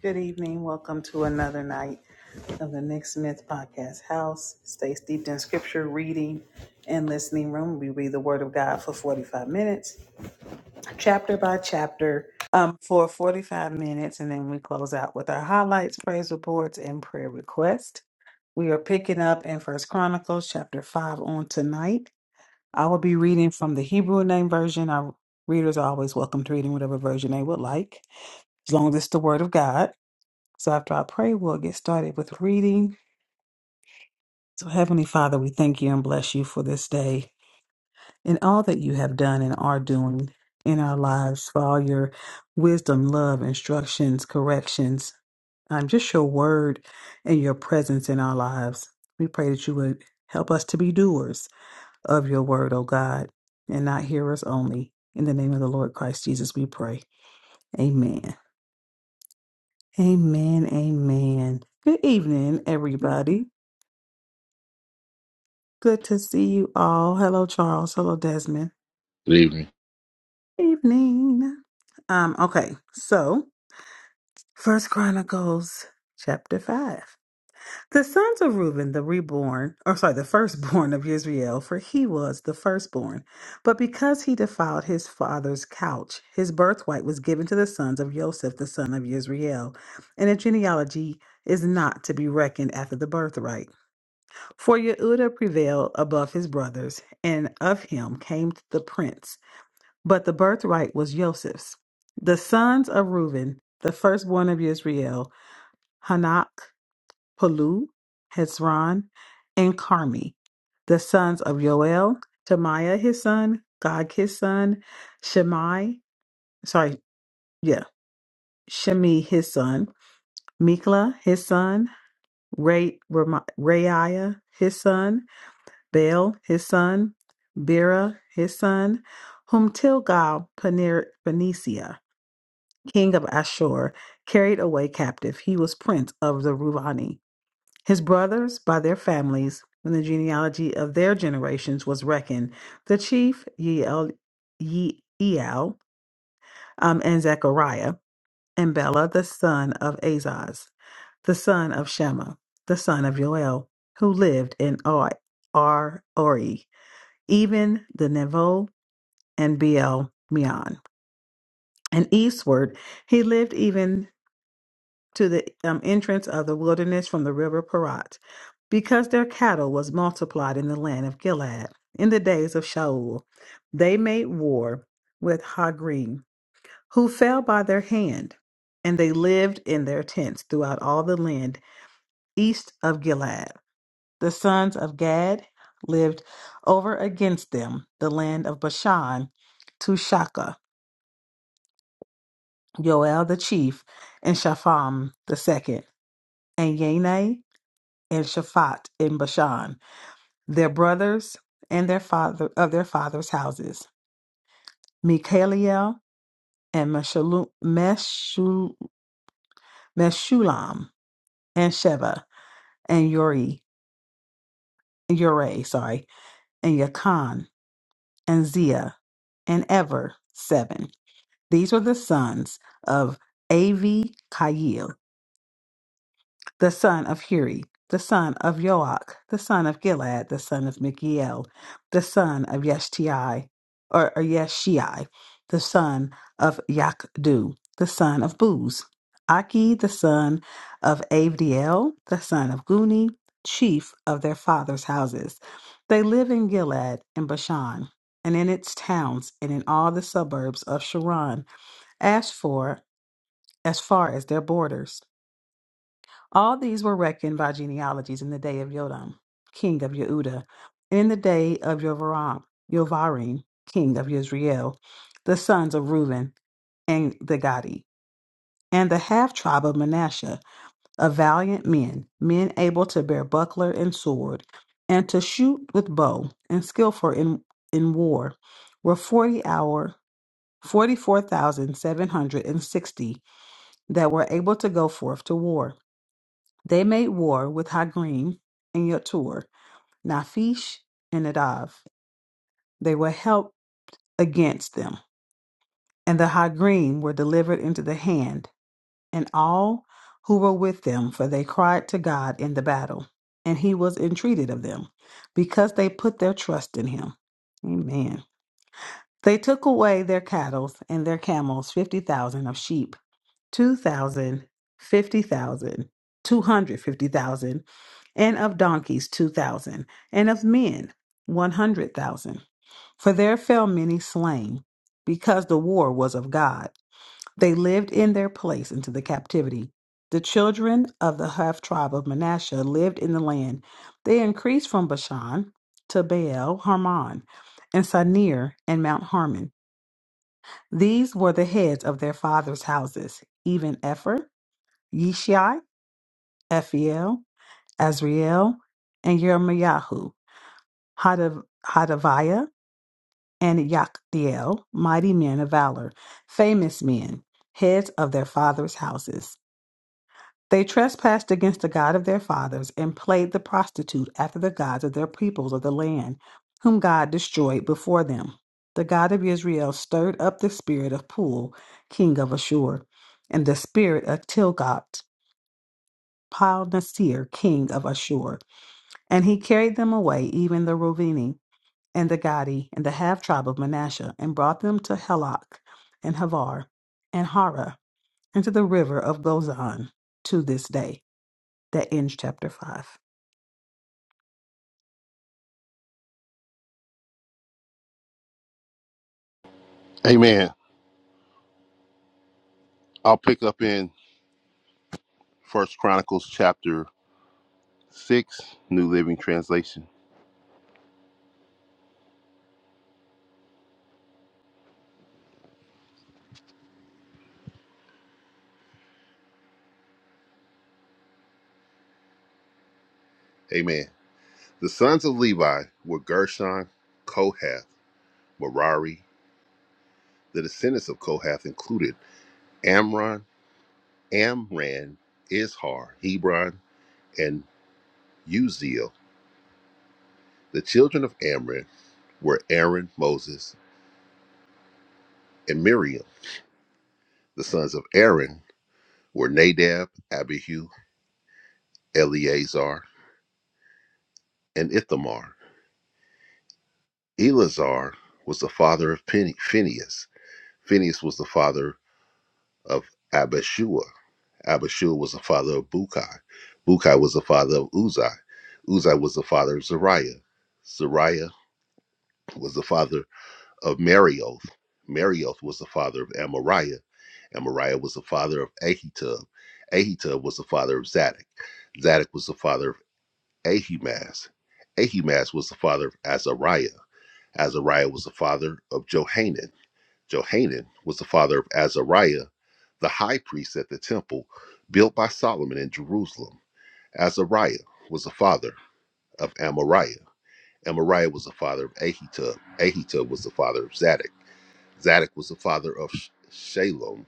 Good evening. Welcome to another night of the Nick Smith Podcast House. Stay steeped in scripture, reading, and listening room. We read the Word of God for 45 minutes, chapter by chapter, um, for 45 minutes, and then we close out with our highlights, praise reports, and prayer requests. We are picking up in First Chronicles chapter 5 on tonight. I will be reading from the Hebrew name version. Our readers are always welcome to reading whatever version they would like, as long as it's the Word of God. So after I pray, we'll get started with reading. So, Heavenly Father, we thank you and bless you for this day and all that you have done and are doing in our lives for all your wisdom, love, instructions, corrections, um, just your word and your presence in our lives. We pray that you would help us to be doers of your word, O God, and not hearers only. In the name of the Lord Christ Jesus, we pray. Amen. Amen. Amen. Good evening, everybody. Good to see you all. Hello, Charles. Hello, Desmond. Good evening. Evening. Um, okay, so First Chronicles chapter five. The sons of Reuben, the reborn, or sorry, the firstborn of Israel, for he was the firstborn. But because he defiled his father's couch, his birthright was given to the sons of Joseph, the son of Israel. And a genealogy is not to be reckoned after the birthright. For Yehuda prevailed above his brothers, and of him came the prince. But the birthright was Joseph's. The sons of Reuben, the firstborn of Israel, Hanak, Palu, Hezron, and Carmi. The sons of Yoel, Tamiah his son, Gog his son, Shemai, sorry, yeah, Shemi his son, Mikla his son, Ray, Rema- Reiah his son, Baal his son, Bera his son, whom Tilgal Paner- Panesia, king of Ashur, carried away captive. He was prince of the Ruvani. His brothers, by their families, when the genealogy of their generations was reckoned, the chief Yeel, Yeel um, and Zechariah, and Bela the son of Azaz, the son of Shema, the son of Joel, who lived in Oi, Ar Ori even the Nevo and Beel Meon. And eastward he lived even to the um, entrance of the wilderness from the river Parat, because their cattle was multiplied in the land of Gilead. In the days of Shaul, they made war with Hagrim, who fell by their hand, and they lived in their tents throughout all the land east of Gilead. The sons of Gad lived over against them the land of Bashan to Shaka, Joel the chief, and Shapham the second, and Yanai and Shaphat in Bashan, their brothers and their father of their fathers' houses, Michaliel and Meshalu- Meshul- Meshulam and Sheba and Uri, Ure, sorry, and Yakan and Zia and Ever seven. These were the sons of Avi Kail, the son of Huri, the son of Joach, the son of Gilad, the son of Michiel, the son of Yeshti, or, or Yeshii, the son of Yakdu, the son of Booz, Aki, the son of Avdiel, the son of Guni, chief of their fathers' houses. They live in Gilead and Bashan, and in its towns, and in all the suburbs of Sharon. As for as far as their borders. All these were reckoned by genealogies in the day of Yodam, king of Yehuda, and in the day of Yovaram, Yovarim, king of Yisrael, the sons of Reuben and the Gadi, and the half tribe of Manasseh, of valiant men, men able to bear buckler and sword, and to shoot with bow, and skillful in, in war, were forty hour forty four thousand seven hundred and sixty that were able to go forth to war. They made war with Hagrim and Yetur, Naphish and Nadav. They were helped against them, and the Hagrim were delivered into the hand, and all who were with them, for they cried to God in the battle, and he was entreated of them, because they put their trust in him. Amen. They took away their cattle and their camels, 50,000 of sheep 2,000, 50,000, 250,000, and of donkeys 2,000, and of men 100,000. For there fell many slain, because the war was of God. They lived in their place into the captivity. The children of the half tribe of Manasseh lived in the land. They increased from Bashan to Baal Hermon, and Sinir, and Mount Harmon. These were the heads of their fathers' houses, even Epher Yishai, Ephiel, Azriel, and Yermayahu, Hadav- Hadaviah, and Yakdiel, mighty men of valor, famous men, heads of their fathers' houses. They trespassed against the God of their fathers and played the prostitute after the gods of their peoples of the land, whom God destroyed before them. The God of Israel stirred up the spirit of Pul, king of Ashur, and the spirit of Tilgat, Pal king of Ashur And he carried them away, even the Rovini, and the Gadi, and the half tribe of Manasseh, and brought them to Helok, and Havar, and Hara, and to the river of Gozan, to this day. That ends chapter 5. Amen. I'll pick up in First Chronicles chapter six, New Living Translation. Amen. The sons of Levi were Gershon, Kohath, Merari. The descendants of Kohath included Amron, Amran, Izhar, Hebron, and Uziel. The children of Amran were Aaron, Moses, and Miriam. The sons of Aaron were Nadab, Abihu, Eleazar, and Ithamar. Eleazar was the father of Phin- Phineas. Phineas was the father of Abishua. Abishua was the father of Bukai. Bukai was the father of Uzai. Uzai was the father of Zariah. Zariah was the father of Marioth. Marioth was the father of Amariah. Amariah was the father of Ahitub. Ahitub was the father of Zadok. Zadok was the father of Ahimaaz. Ahimaaz was the father of Azariah. Azariah was the father of Johanan. Johanan was the father of Azariah, the high priest at the temple built by Solomon in Jerusalem. Azariah was the father of Amariah. Amariah was the father of Ahitub. Ahitub was the father of Zadok. Zadok was the father of Shalom.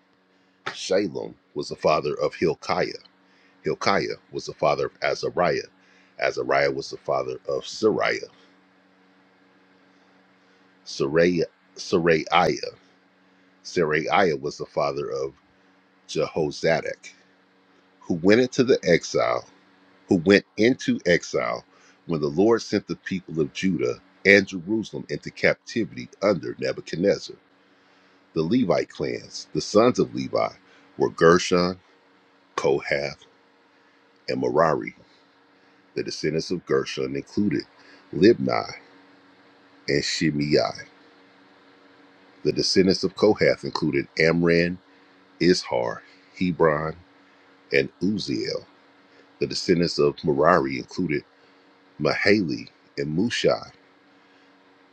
Shalom was the father of Hilkiah. Hilkiah was the father of Azariah. Azariah was the father of Sariah. Sariah, Saraiah. Saraiah was the father of Jehozadak. who went into the exile, who went into exile when the Lord sent the people of Judah and Jerusalem into captivity under Nebuchadnezzar. The Levite clans, the sons of Levi, were Gershon, Kohath, and Merari. The descendants of Gershon included Libni and Shimei. The descendants of Kohath included Amran, Izhar, Hebron, and Uziel. The descendants of Merari included Mahali and Mushi.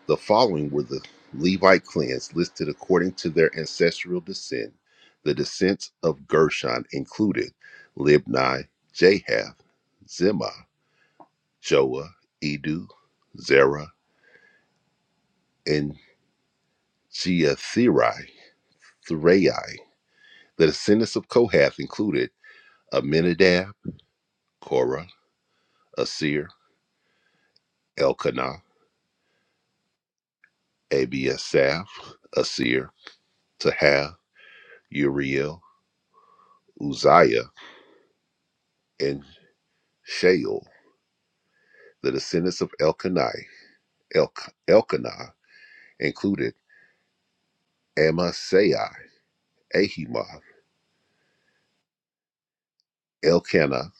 The following were the Levite clans listed according to their ancestral descent. The descents of Gershon included Libni, Jahath, Zimah, Joah, Edu, Zerah, and Jeatherai. Thrai. The descendants of Kohath included Aminadab, Korah, Asir, Elkanah, Abiasaph, Asir, Tahath, Uriel, Uzziah, and Sheol. The descendants of Elkanai, Elk, Elkanah included Amasai, Ahima, Elkanah,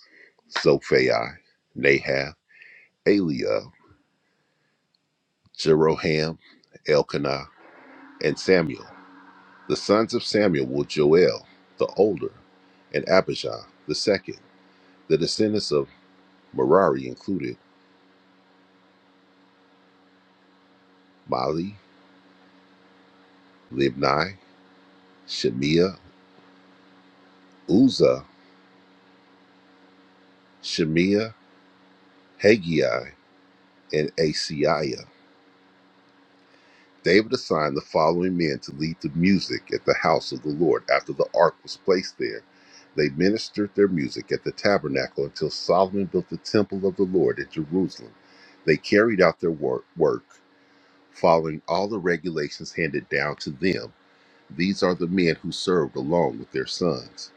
Zophai, Nahath, Eliab, Jeroham, Elkanah, and Samuel. The sons of Samuel were Joel, the older, and Abijah, the second. The descendants of Merari included Mali, Libni, Shemiah, Uzzah, Shemiah, Haggai, and Asiah. David assigned the following men to lead the music at the house of the Lord after the ark was placed there. They ministered their music at the tabernacle until Solomon built the temple of the Lord at Jerusalem. They carried out their work, work following all the regulations handed down to them. These are the men who served along with their sons.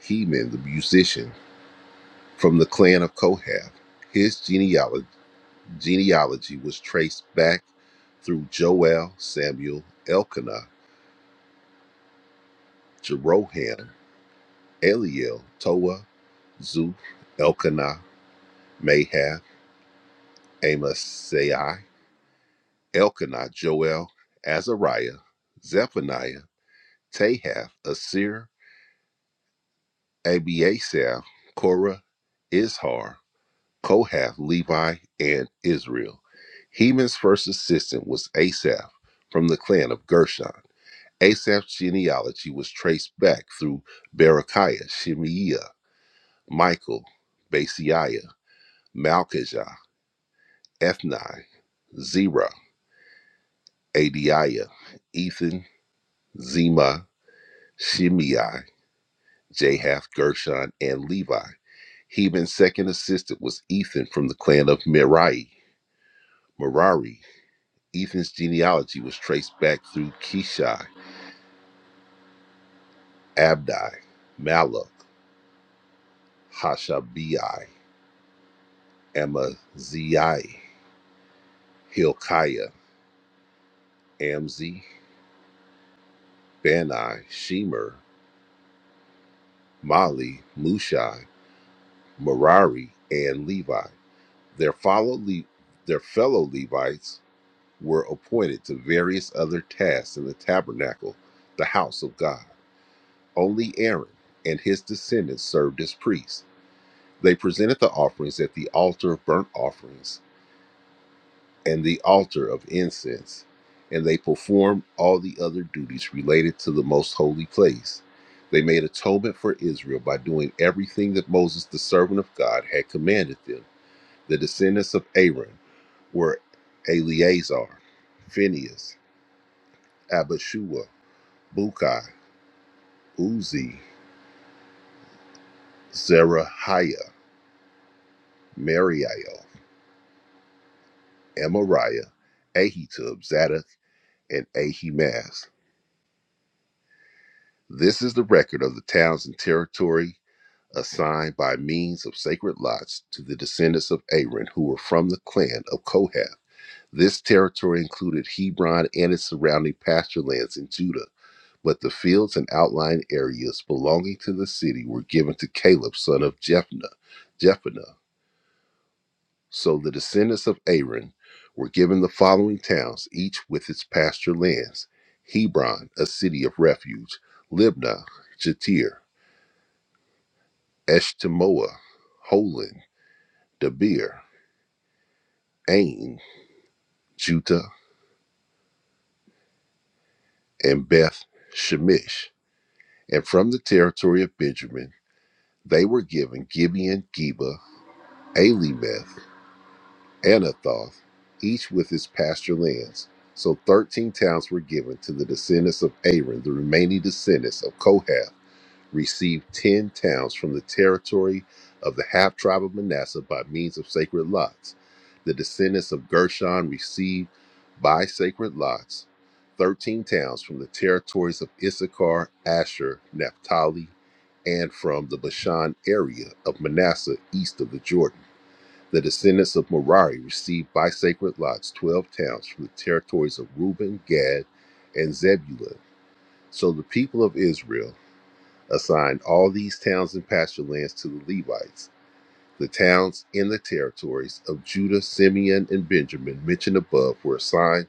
Heman, the musician, from the clan of Kohath. His genealogy, genealogy was traced back through Joel, Samuel, Elkanah Jeroham, Eliel, Toa, Zuth, Elkanah, Mahab, Amasai, Elkanah, Joel, Azariah, Zephaniah, Tahath, Asir, Abiasaph, Korah, Izhar, Kohath, Levi, and Israel. Heman's first assistant was Asaph from the clan of Gershon. Asaph's genealogy was traced back through Berechiah, Shemaiah, Michael, Basiah. Malkijah, Ethni, Zerah, Adiah, Ethan, Zema, Shimei, Jahath, Gershon, and Levi. Heman's second assistant was Ethan from the clan of Merari. Merari. Ethan's genealogy was traced back through Kishai, Abdi, Malach, Hashabi, Amaziah, Hilkiah, Amzi, Bani, Shemer, Mali, Mushai. Merari, and Levi. Their, follow Le- their fellow Levites were appointed to various other tasks in the tabernacle, the house of God. Only Aaron and his descendants served as priests. They presented the offerings at the altar of burnt offerings and the altar of incense, and they performed all the other duties related to the most holy place. They made atonement for Israel by doing everything that Moses, the servant of God, had commanded them The descendants of Aaron were Eleazar, Phinehas, Abishua, Bukai, Uzi, Zerahiah, Mariel, Amariah, Ahitub, Zadok, and Ahimaaz. This is the record of the towns and territory assigned by means of sacred lots to the descendants of Aaron who were from the clan of Kohath. This territory included Hebron and its surrounding pasture lands in Judah But the fields and outlying areas belonging to the city were given to Caleb, son of Jephunneh. Jephunneh. So the descendants of Aaron were given the following towns, each with its pasture lands: Hebron, a city of refuge; Libnah, Jatir, Eshtemoa, Holon, Debir, Ain, Judah, and Beth Shemesh. And from the territory of Benjamin, they were given Gibeon, Geba, Alimeth, Anathoth, each with its pasture lands. So thirteen towns were given to the descendants of Aaron. The remaining descendants of Kohath received ten towns from the territory of the half tribe of Manasseh by means of sacred lots. The descendants of Gershon received by sacred lots thirteen towns from the territories of Issachar, Asher, Naphtali, and from the Bashan area of Manasseh east of the Jordan. The descendants of Merari received by sacred lots twelve towns from the territories of Reuben, Gad, and Zebulun. So the people of Israel assigned all these towns and pasture lands to the Levites. The towns in the territories of Judah, Simeon, and Benjamin mentioned above were assigned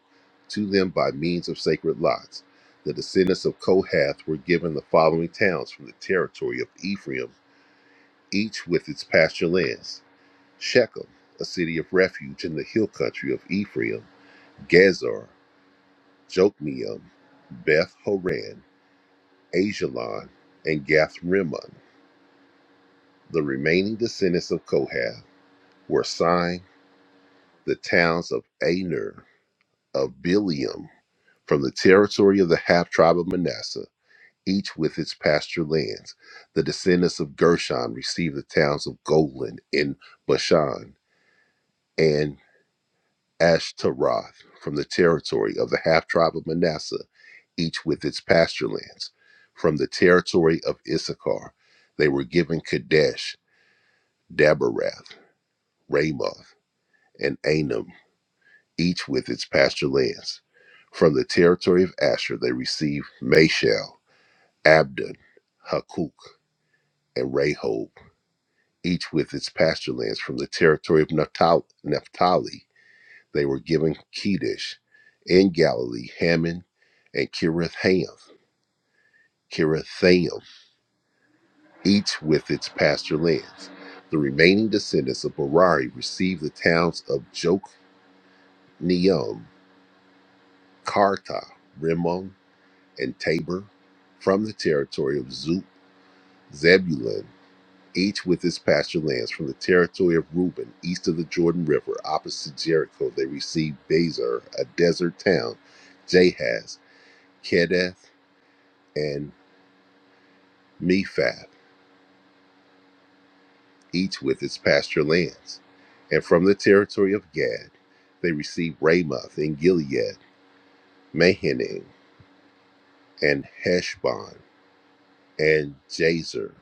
to them by means of sacred lots. The descendants of Kohath were given the following towns from the territory of Ephraim, each with its pasture lands. Shechem, a city of refuge in the hill country of Ephraim, Gezer, Jokmeam, Beth Horon, Ajalon, and Gath Rimmon. The remaining descendants of Kohath were assigned the towns of Aner, of Bilium, from the territory of the half tribe of Manasseh, each with its pasture lands. The descendants of Gershon received the towns of Golan in Bashan, and. Ashtaroth from the territory of the half tribe of Manasseh, each with its pasture lands. From the territory of Issachar, they were given Kadesh, Dabarath, Ramoth, and Anam, each with its pasture lands. From the territory of Asher, they received Mashal, Abdon, Hakuk, and Rehob, each with its pasture lands. From the territory of Naphtali, They were given Kedesh in Galilee, Hammon and Kiratham, Kirithaim, each with its pasture lands. The remaining descendants of Merari received the towns of Jokneam, Karta, Rimmon, and Tabor from the territory of Zut, Zebulun, each with its pasture lands from the territory of Reuben, east of the Jordan River, opposite Jericho. They received Bezer, a desert town, Jahaz, Kedeth, Mephab, each with its pasture lands. And from the territory of Gad, they received Ramoth in Gilead, Mahanaim, and Heshbon, and Jazer,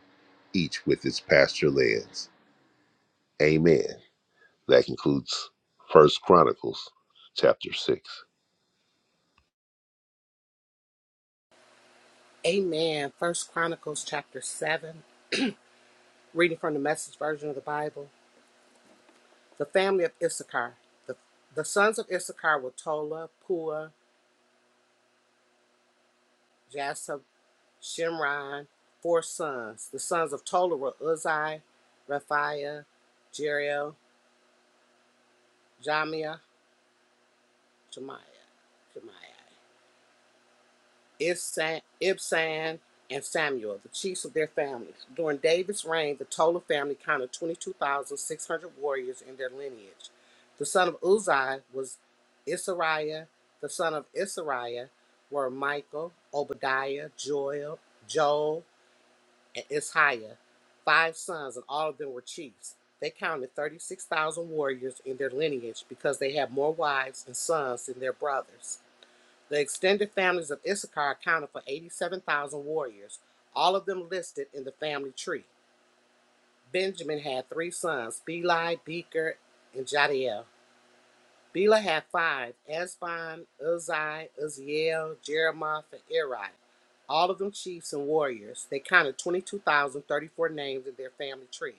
each with its pasture lands. Amen. That concludes First Chronicles chapter six. Amen. First Chronicles chapter seven, reading from the message version of the Bible. The family of Issachar. The, the sons of Issachar were Tola, Pua, Jasub, Shimron, four sons. The sons of Tola were Uzzi, Raphiah, Jeriel, Jamia, Jemiah, Jemiah. Ibsan, Ibsan, and Samuel, the chiefs of their families. During David's reign, the total family counted 22,600 warriors in their lineage. The son of Uzziah was Isariah. The son of Isariah were Michael, Obadiah, Joel, Joel, and Ishiah, five sons, and all of them were chiefs. They counted 36,000 warriors in their lineage because they had more wives and sons than their brothers. The extended families of Issachar accounted for 87,000 warriors, all of them listed in the family tree. Benjamin had three sons, Beli, Becher, and Jadiel. Bela had five, Esbon, Uzzi, Uzziel, Jeremoth, and Eri, all of them chiefs and warriors. They counted 22,034 names in their family tree.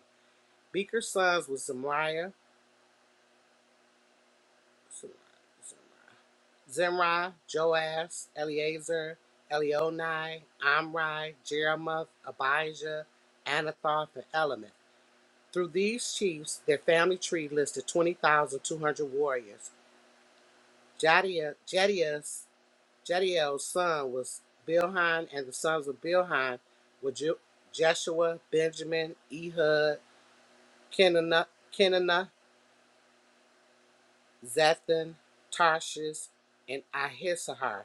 Becher's sons was Zemariah, Zemariah, Zemariah. Zimri, Joash, Eleazar, Elionai, Amri, Jeremoth, Abijah, Anathoth, and Element. Through these chiefs, their family tree listed 20,200 warriors. Jadia- Jedias, Jediel's son was Bilhan, and the sons of Bilhan were Ju- Jeshua, Benjamin, Ehud, Kenana, Kenana, Zethan, Tarshish, and Ahissahar.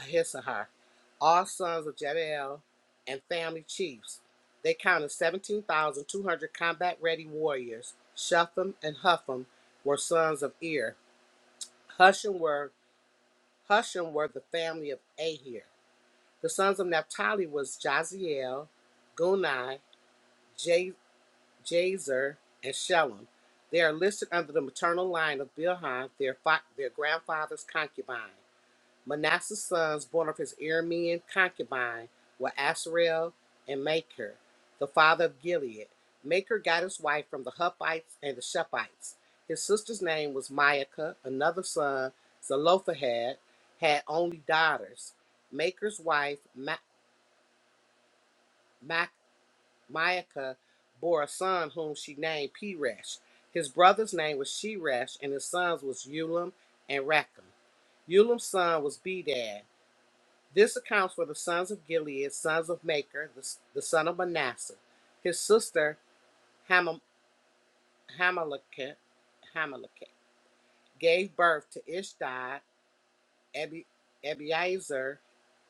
Ahisuhar, all sons of Jediel and family chiefs. They counted 17,200 combat ready warriors. Shupham and Hupham were sons of Ir. Hushim were, Hushim were the family of Ahir. The sons of Naphtali was Jaziel, Guni, Jazer, and Shelem. They are listed under the maternal line of Bilhan, their, their grandfather's concubine. Manasseh's sons, born of his Aramean concubine, were Asriel and Maker, the father of Gilead. Maker got his wife from the Huppites and the Shephites. His sister's name was Maacah. Another son, Zelophehad, had only daughters. Maker's wife, Ma- Ma- Maacah, bore a son whom she named Peresh. His brother's name was Sheresh, and his sons was Ulam and Racham. Ulam's son was Bedad. This accounts for the sons of Gilead, sons of Maker, the, the son of Manasseh. His sister Hamil- Hamaleketh gave birth to Ishdai, Ebi- Ebiezer,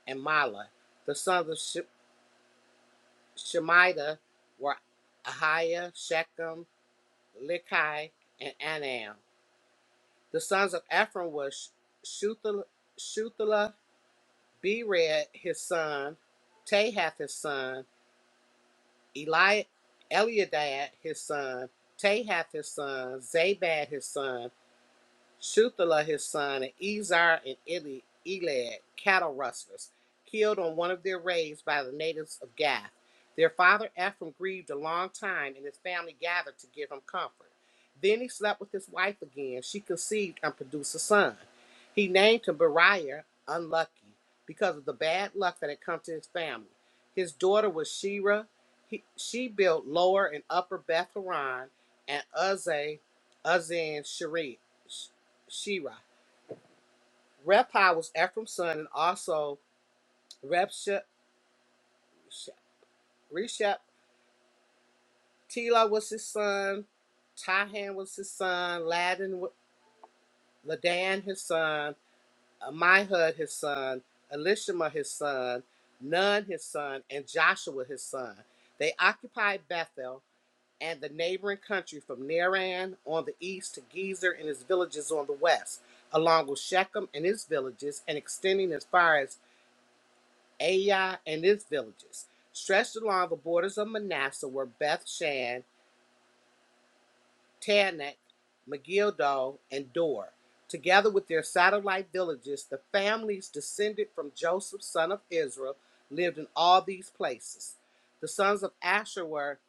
and Mala. The sons of Sh- Shemida were Ahiah, Shechem, Likai, and Anam. The sons of Ephraim were Shuthelah, Bered, his son, Tahath, his son, Eli, Eliadad his son, Tahath his son, Zabad his son, Shuthelah his son, and Ezar and Eli- Elad, cattle rustlers, killed on one of their raids by the natives of Gath. Their father Ephraim grieved a long time, and his family gathered to give him comfort. Then he slept with his wife again. She conceived and produced a son. He named him Beriah, unlucky, because of the bad luck that had come to his family. His daughter was Sheerah. He, she built Lower and Upper Beth Horon and Uzza, Uzzah and Shira. Rephi was Ephraim's son, and also Repsha, Reshep. Tila was his son. Tahan was his son. Ladan, wa- Ladan his son. Amihud his son. Elishama his son. Nun his son, and Joshua his son. They occupied Bethel and the neighboring country from Naran on the east to Gezer and his villages on the west, along with Shechem and his villages, and extending as far as Ai and its villages, stretched along the borders of Manasseh were Beth Shan, Tanakh, Megiddo, and Dor. Together with their satellite villages, the families descended from Joseph, son of Israel, lived in all these places. The sons of Asher were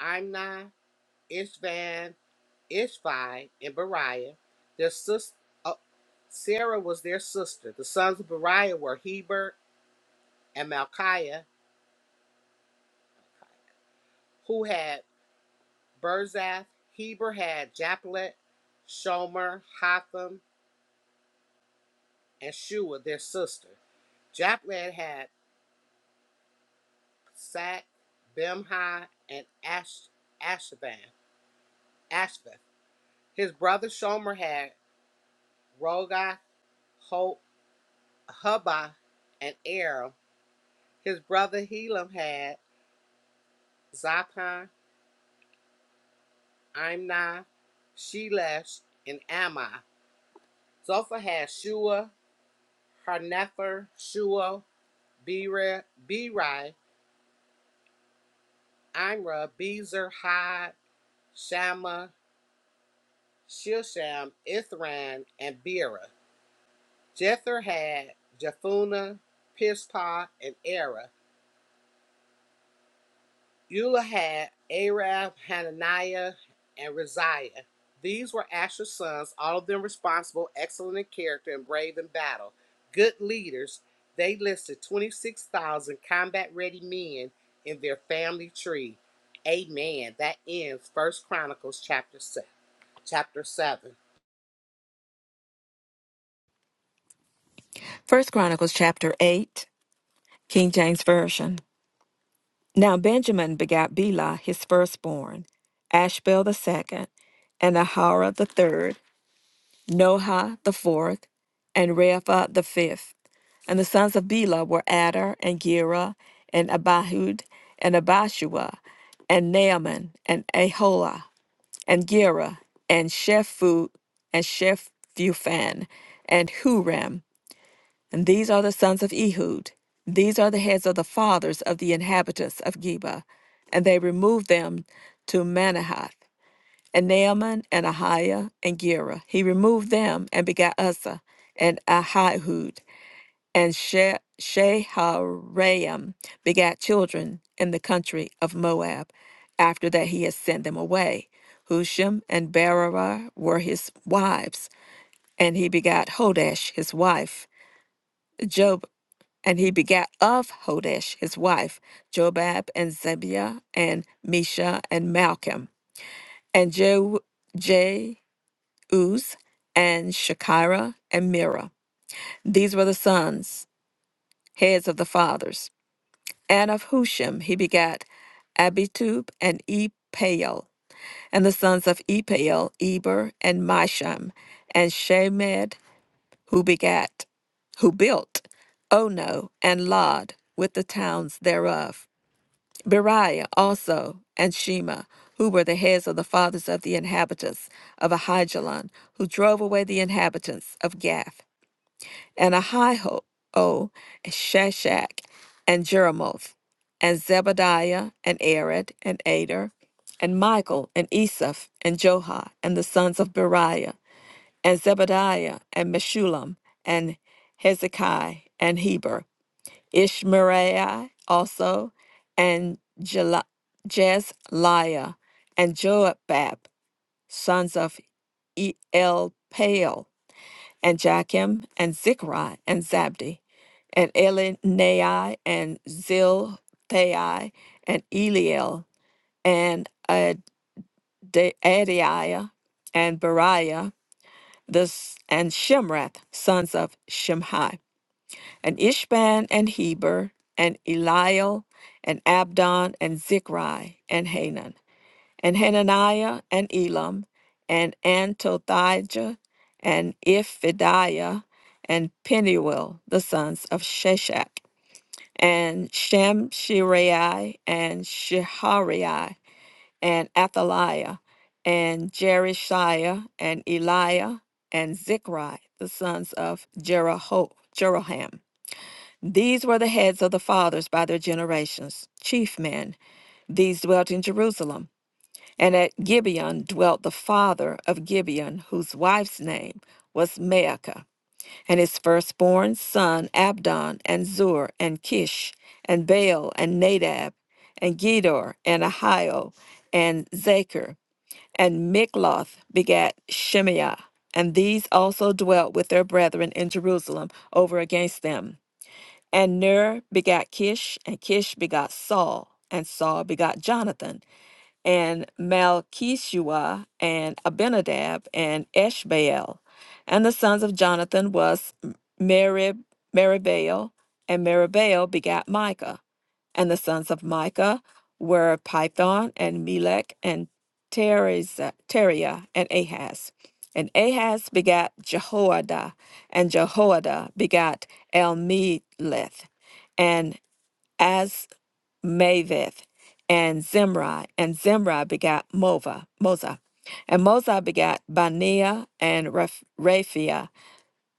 Imnai, Ishvan, Ishvi, and Beriah. Their sister, Sarah was their sister. The sons of Beriah were Heber and Malchiah, who had Berzath, Heber had Japlet, Shomer, Hotham, and Shua, their sister. Japlet had Sack, Bimhi, and Ash, Ashvan, Ashvath. His brother Shomer had Rogath, Ho, Hubba, and Aram. His brother Helam had Zapan, Imnai, Shelesh, and Ammi. Zophah had Shua, Harnepher, Shua, Beri, Beri, Imra, Bezer, Had, Shama, Shilsham, Ithran, and Bera. Jether had Japhuna, Pishpa, and Era. Eulah had Arab, Hananiah, and Raziah. These were Asher's sons, all of them responsible, excellent in character, and brave in battle. Good leaders, they listed 26,000 combat ready men in their family tree. Amen. That ends First Chronicles chapter 7. Chapter 7. First Chronicles chapter 8, King James Version. Now Benjamin begat Bela his firstborn, Ashbel the second, and Ahara the third, Noha the fourth, and Repha the fifth. And the sons of Bela were Adar, and Gera, and Abihud, and Abishua, and Naaman, and Aholah, and Gera, and Shephu, and Shephufan, and Huram, And these are the sons of Ehud. These are the heads of the fathers of the inhabitants of Geba. And they removed them to Manahath, and Naaman, and Ahiah, and Gera. He removed them and begat Uzzah, and Ahihud, and she- Sheharaim begat children in the country of Moab, after that he had sent them away. Husham and Berarah were his wives, and he begat Hodash his wife. Job. And he begat of Hodesh his wife, Jobab and Zebiah and Mesha and Malcolm, and Jehu- Jeuz and Shekirah and Mira. These were the sons, heads of the fathers. And of Hushim he begat Abitub and Epael. And the sons of Epael, Eber and Misham, and Shemed, who begat, who built Ono and Lod with the towns thereof. Beriah also and Shema, who were the heads of the fathers of the inhabitants of Ahijalon, who drove away the inhabitants of Gath, and Ahiho, and Shashak, and Jeremoth, and Zebadiah, and Arad, and Ader, and Michael, and Esaph, and Johah, and the sons of Beriah, and Zebadiah, and Meshullam, and Hezekiah, and Heber, Ishmariah also, and Jela- Jezliah, and Joabab, sons of Elpaal, and Jachim, and Zichri, and Zabdi, and Elinai, and Zilthai, and Eliel, and Ade- Adiah, and Beriah, this, and Shimrath, sons of Shimhi and Ishban and Heber, and Eliel, and Abdon, and Zichri, and Hanan, and Hananiah, and Elam, and Antothijah, and Iphidiah, and Peniel, the sons of Sheshach, and Shemshirai, and Shehariah, and Athaliah, and Jerishiah, and Eliah, and Zichri, the sons of Jeraho, Jeroham, these were the heads of the fathers by their generations, chief men. These dwelt in Jerusalem. And at Gibeon dwelt the father of Gibeon, whose wife's name was Maacah, and his firstborn son Abdon, and Zur, and Kish, and Baal, and Nadab, and Gedor, and Ahio, and Zachar, and Mikloth begat Shemaiah. And these also dwelt with their brethren in Jerusalem over against them. And Ner begat Kish, and Kish begot Saul, and Saul begot Jonathan, and Malchishua, and Abinadab, and Eshbaal. And the sons of Jonathan was M- Merib, Meribaal, and Meribaal begat Micah. And the sons of Micah were Python and Melech and Teriza- Teriah and Ahaz. And Ahaz begat Jehoiada, and Jehoiada begat Elmeleth, and Azmaveth, and Zimri, and Zimri begat Mova, Moza. And Moza begat Baniah, and Raph- Raphiah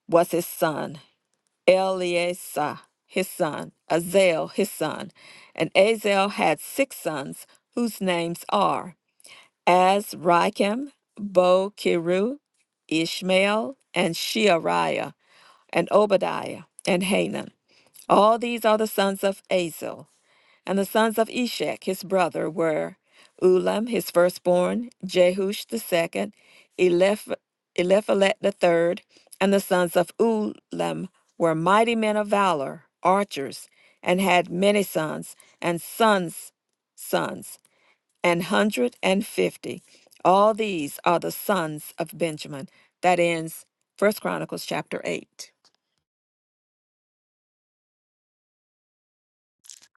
was his son. Eleasa, his son, Azel, his son. And Azel had six sons, whose names are Azrikam, Bokiru, Ishmael, and Sheariah, and Obadiah, and Hanan. All these are the sons of Azel. And the sons of Eshek his brother were Ulam his firstborn, Jehush the second, Eliph- Eliphalet the third. And the sons of Ulam were mighty men of valor, archers, and had many sons, and sons' sons, an hundred and fifty. All these are the sons of Benjamin. That ends First Chronicles chapter 8.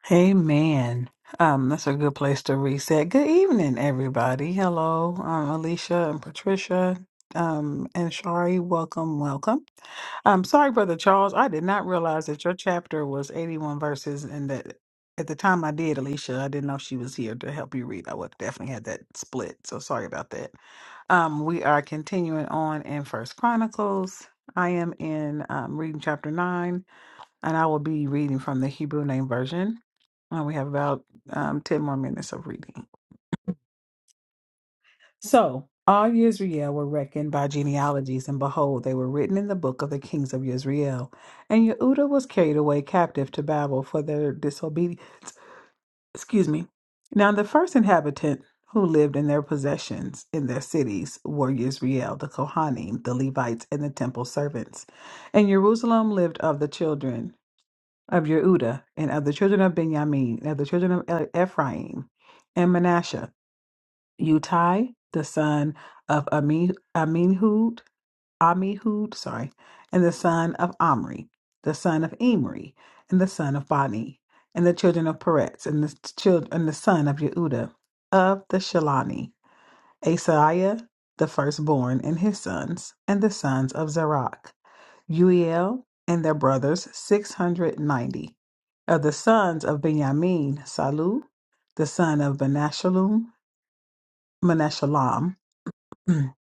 Hey man, um, that's a good place to reset. Good evening, everybody. Hello, um, Alicia and Patricia, um, and Shari. Welcome, welcome. I'm sorry, Brother Charles. I did not realize that your chapter was 81 verses, and that at the time I did, Alicia, I didn't know she was here to help you read. I would definitely had that split, so sorry about that. Um, we are continuing on in First Chronicles. I am in um, reading chapter nine. And I will be reading from the Hebrew Name Version. And we have about um, 10 more minutes of reading. So, all Yisrael were reckoned by genealogies, and behold, they were written in the book of the kings of Yisrael. And Yehuda was carried away captive to Babel for their disobedience. Excuse me. Now, the first inhabitant who lived in their possessions in their cities were Yisrael, the Kohanim, the Levites, and the temple servants. And Jerusalem lived of the children. of Yehuda, and of the children of Benjamin, and of the children of E- Ephraim, and Manasseh, Utai, the son of Ami, Aminhud, Amihud, sorry, and the son of Omri, the son of Imri, and the son of Bani, and the children of Peretz, and the children, and the son of Yehuda, of the Shalani, Asaiah, the firstborn, and his sons, and the sons of Zerach. Uiel and their brothers, 690. Of the sons of Benjamin, Salu, the son of Menashalum, Menashalam, and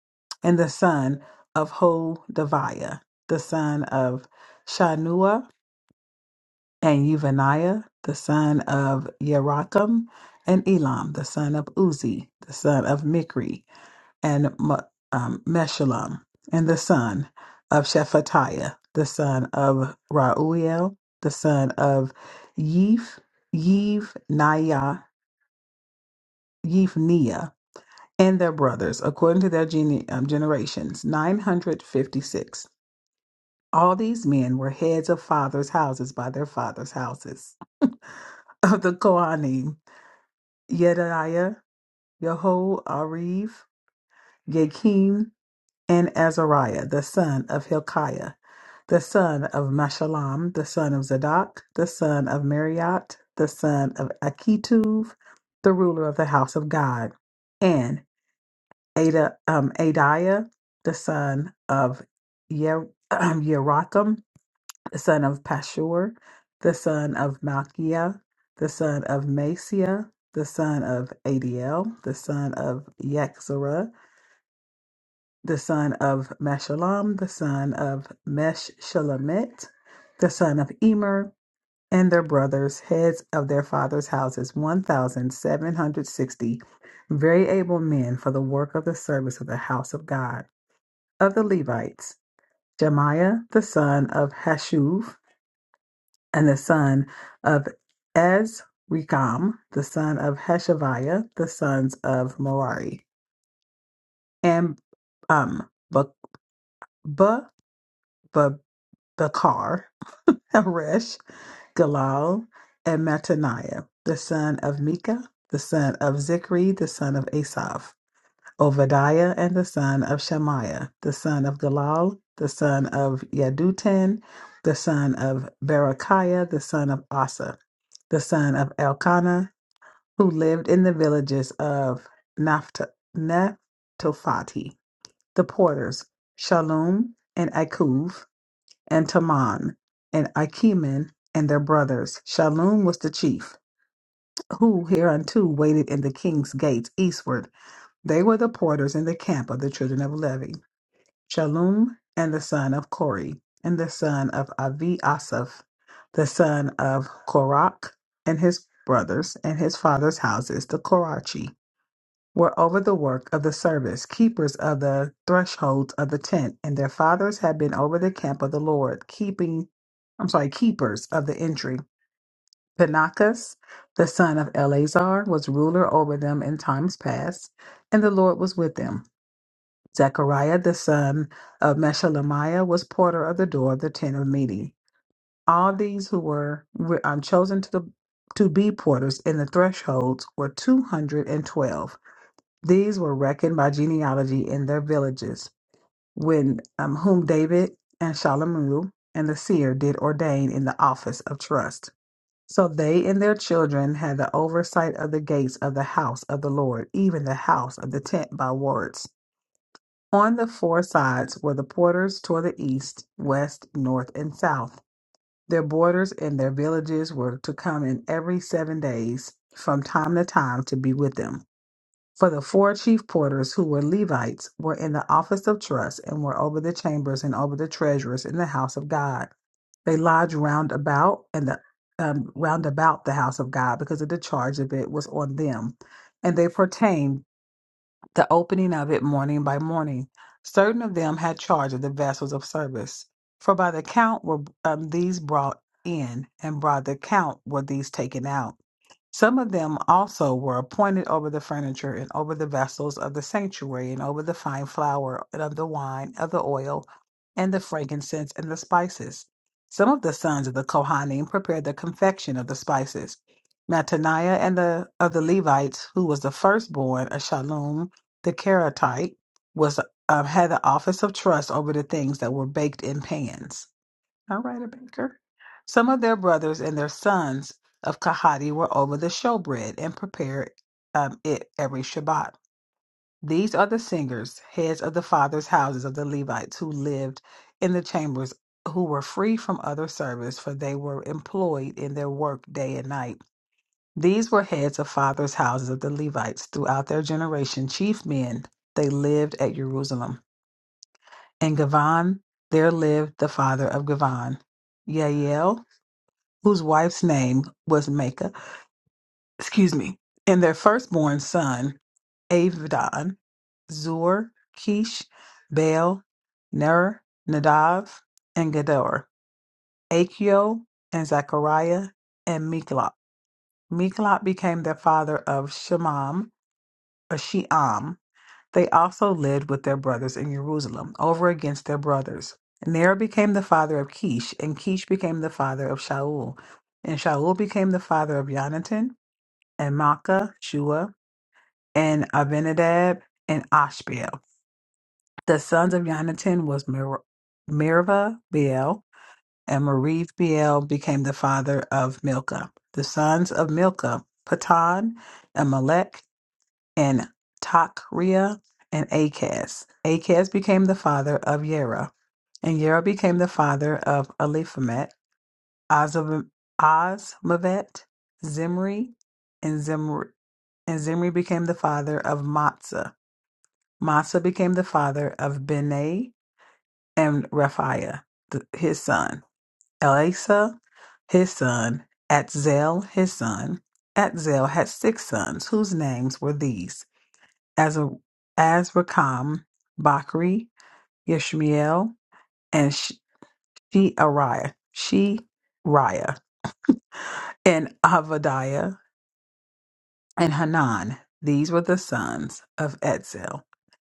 the son of Hodaviah, the son of Shanua, and Uvaniah, the son of Yerachim, and Elam, the son of Uzi, the son of Mikri, and Mu- um, Meshullam, and the son of Shephatiah, the son of Rauel, the son of Yif, Yiv Naya, Yivnia, and their brothers, according to their gene- um, generations, 956. All these men were heads of fathers' houses by their fathers' houses. Of the Kohanim, Yediah, Yehoariv, Yakim, and Azariah the son of Hilkiah, the son of Meshullam, the son of Zadok, the son of Mariot, the son of Akituv, the ruler of the house of God, and Ada, um, Adiah, the son of Yer, Yerachim, the son of Pashur, the son of Malchiah, the son of Masiah, the son of Adiel, the son of Yexerah, the son of Meshullam, the son of Meshulamet, the son of Emer, and their brothers, heads of their fathers' houses, 1,760 very able men for the work of the service of the house of God. Of the Levites, Jemiah, the son of Hashuv, and the son of Ezrikam, the son of Hashaviah, the sons of Merari, and um, Ba- Ba- Bakar, Haresh, Galal, and Mattaniah, the son of Micah, the son of Zichri, the son of Asaph, Obadiah, and the son of Shemaiah, the son of Galal, the son of Yedutun, the son of Berechiah, the son of Asa, the son of Elkanah, who lived in the villages of Napht- Naphtophathi, the porters, Shalom, and Akuv, and Taman, and Achiman, and their brothers. Shallum was the chief, who hereunto waited in the king's gates eastward. They were the porters in the camp of the children of Levi. Shallum and the son of Kori, and the son of Avi Asaph, the son of Korach, and his brothers, and his father's houses, the Korachi were over the work of the service, keepers of the thresholds of the tent, and their fathers had been over the camp of the Lord, keeping, I'm sorry, keepers of the entry. Panakas, the son of Eleazar, was ruler over them in times past, and the Lord was with them. Zechariah, the son of Meshelemiah, was porter of the door of the tent of meeting. All these who were were, um, chosen to, the, to be porters in the thresholds were 212. These were reckoned by genealogy in their villages, when um, whom David and Shalomu and the seer did ordain in the office of trust. So they and their children had the oversight of the gates of the house of the Lord, even the house of the tent by wards. On the four sides were the porters toward the east, west, north, and south. Their borders and their villages were to come in every seven days from time to time to be with them. For the four chief porters who were Levites were in the office of trust and were over the chambers and over the treasurers in the house of God. They lodged round about and the um, round about the house of God because of the charge of it was on them, and they pertained the opening of it morning by morning. Certain of them had charge of the vessels of service, for by the count were um, these brought in, and by the count were these taken out. Some of them also were appointed over the furniture and over the vessels of the sanctuary and over the fine flour and of the wine, of the oil, and the frankincense and the spices. Some of the sons of the Kohanim prepared the confection of the spices. Mattaniah and the of the Levites, who was the firstborn of Shallum the Keratite, was uh, had the office of trust over the things that were baked in pans. All right, a baker. Some of their brothers and their sons of Kahati were over the showbread and prepared um, it every Shabbat. These are the singers, heads of the fathers' houses of the Levites who lived in the chambers, who were free from other service, for they were employed in their work day and night. These were heads of fathers' houses of the Levites throughout their generation, chief men. They lived at Jerusalem. In Gavan, there lived the father of Gavan, Yael, whose wife's name was Makah, excuse me, and their firstborn son, Avdon, Zur, Kish, Baal, Ner, Nadav, and Gedor, Achio, and Zechariah, and Miklot. Miklot became their father of Shemam, or Sheam. They also lived with their brothers in Jerusalem, over against their brothers. Ner became the father of Kish, and Kish became the father of Shaul, and Shaul became the father of Yonatan, and Maacah, Shua, and Abinadab, and Ashbel. The sons of Jonathan was Mer- Meribah, Beel, and Merib Beel became the father of Milcah. The sons of Milcah, Patan, Amalek, and Takriah, and Acaz. Acaz became the father of Yerah, and Yerah became the father of Eliphalet. Ozav- Ozmavet, Zimri, and Zimri. And Zimri became the father of Matzah. Matzah became the father of Benai and Raphiah, th- his son. Elasa, his son. Atzel, his son. Atzel had six sons, whose names were these Azra- Azrikam, Bakri, Yishmael, and Sheariah, Sheariah, and Avadiah. and Hanan. These were the sons of Etzel.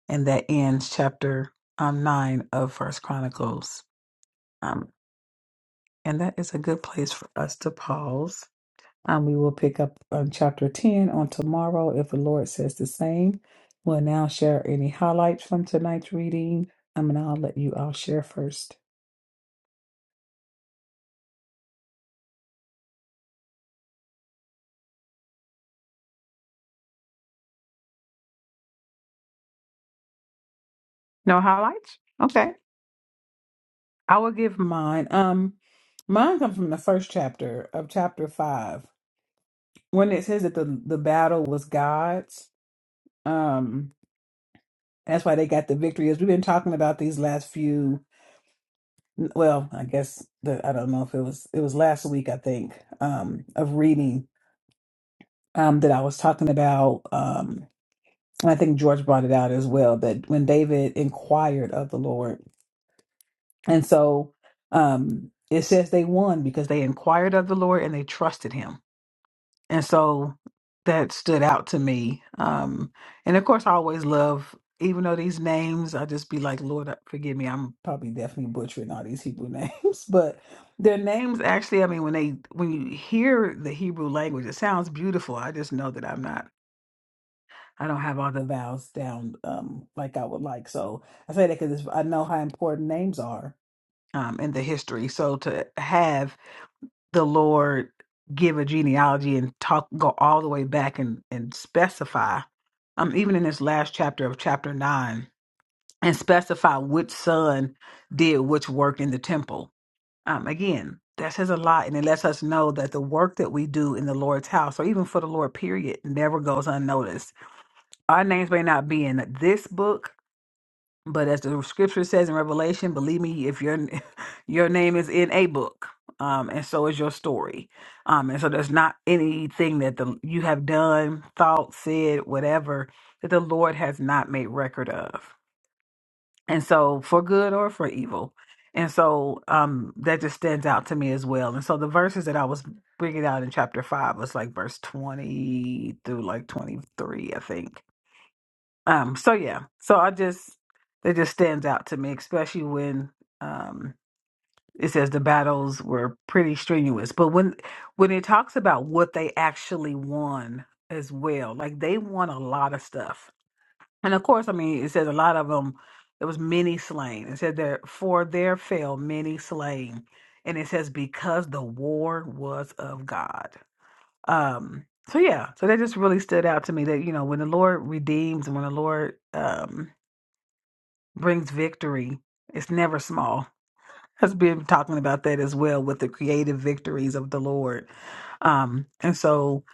And that ends chapter um, 9 of First Chronicles. Um, and that is a good place for us to pause. Um, we will pick up um, chapter 10 on tomorrow if the Lord says the same. We'll now share any highlights from tonight's reading. Um, and I'll let you all share first. No highlights? Okay. I will give mine. Um, mine comes from the first chapter of chapter 5. when it says that the the battle was God's, um, that's why they got the victory. As we've been talking about these last few, well, I guess the I don't know if it was it was last week I think um, of reading um, that I was talking about, um, and I think George brought it out as well that when David inquired of the Lord, and so um, it says they won because they inquired of the Lord and they trusted Him and so that stood out to me um and of course i always love even though these names i just be like lord uh, forgive me i'm probably definitely butchering all these hebrew names but their names actually i mean when they when you hear the hebrew language it sounds beautiful i just know that i'm not i don't have all the vowels down um like i would like so i say that because i know how important names are um in the history so to have the Lord give a genealogy and talk go all the way back and and specify um even in this last chapter of chapter 9 and specify which son did which work in the temple um again that says a lot and it lets us know that the work that we do in the Lord's house or even for the Lord period never goes unnoticed our names may not be in this book but as the scripture says in Revelation, believe me, if your your name is in a book, um, and so is your story, um, and so there's not anything that the you have done, thought, said, whatever that the Lord has not made record of, and so for good or for evil, and so um, that just stands out to me as well. And so the verses that I was bringing out in chapter five was like verse twenty through like twenty three, I think um, so yeah, so I just it just stands out to me, especially when um it says the battles were pretty strenuous. But when when it talks about what they actually won as well, like they won a lot of stuff. And of course, I mean, it says a lot of them. There was many slain. It said there for there fell many slain, and it says because the war was of God. Um. So yeah, so that just really stood out to me that you know when the Lord redeems and when the Lord um brings victory. It's never small. Has been talking about that as well with the creative victories of the Lord. Um, and so,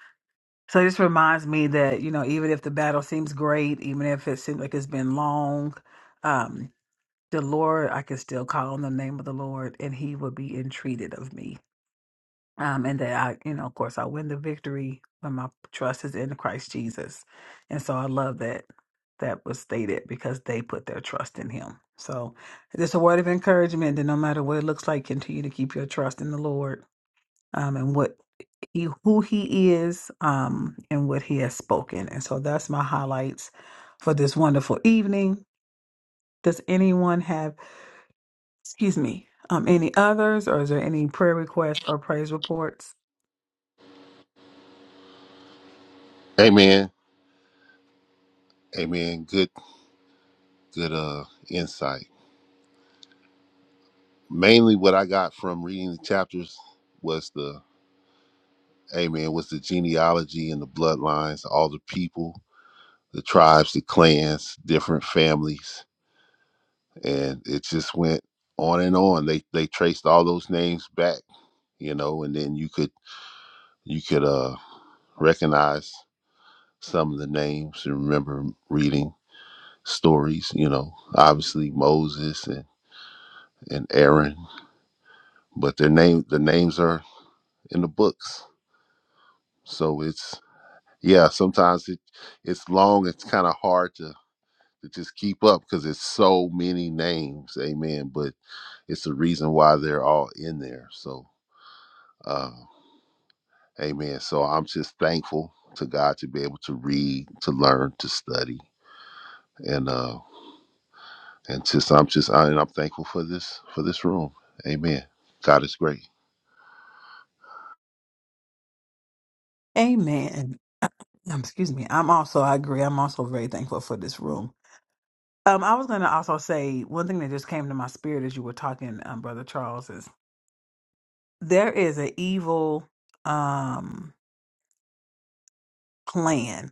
so this reminds me that you know, even if the battle seems great, even if it seems like it's been long, um, the Lord, I can still call on the name of the Lord, and He will be entreated of me um, and that I, you know, of course, I win the victory when my trust is in Christ Jesus. And so I love that that was stated because they put their trust in Him. So it's a word of encouragement that no matter what it looks like, continue to keep your trust in the Lord um, and what He, who He is, um, and what He has spoken. And so that's my highlights for this wonderful evening. Does anyone have, excuse me, um, any others, or is there any prayer requests or praise reports? Amen. Amen. Good good uh insight. Mainly what I got from reading the chapters was the Amen was the genealogy and the bloodlines, all the people the tribes, the clans, different families, and it just went on and on. They they traced all those names back, you know, and then you could you could uh recognize some of the names and remember reading stories, you know, obviously Moses and, and Aaron, but their name the names are in the books. So it's yeah, sometimes it it's long, it's kind of hard to to just keep up because it's so many names. Amen. But It's the reason why they're all in there. So, uh, amen. So I'm just thankful to God to be able to read, to learn, to study, and uh, and just I'm just I, and I'm thankful for this for this room. Amen. God is great. Amen. Excuse me. I'm also, I agree. I'm also very thankful for this room. Um, I was going to also say one thing that just came to my spirit as you were talking, um, Brother Charles, is there is an evil um, plan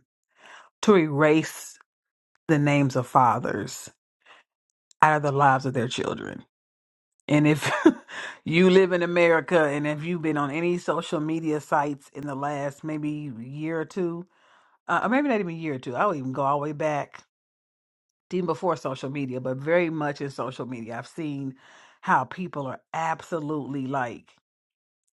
to erase the names of fathers out of the lives of their children. And if you live in America and if you've been on any social media sites in the last maybe year or two, uh, or maybe not even a year or two, I'll even go all the way back even before social media, but very much in social media. I've seen how people are absolutely like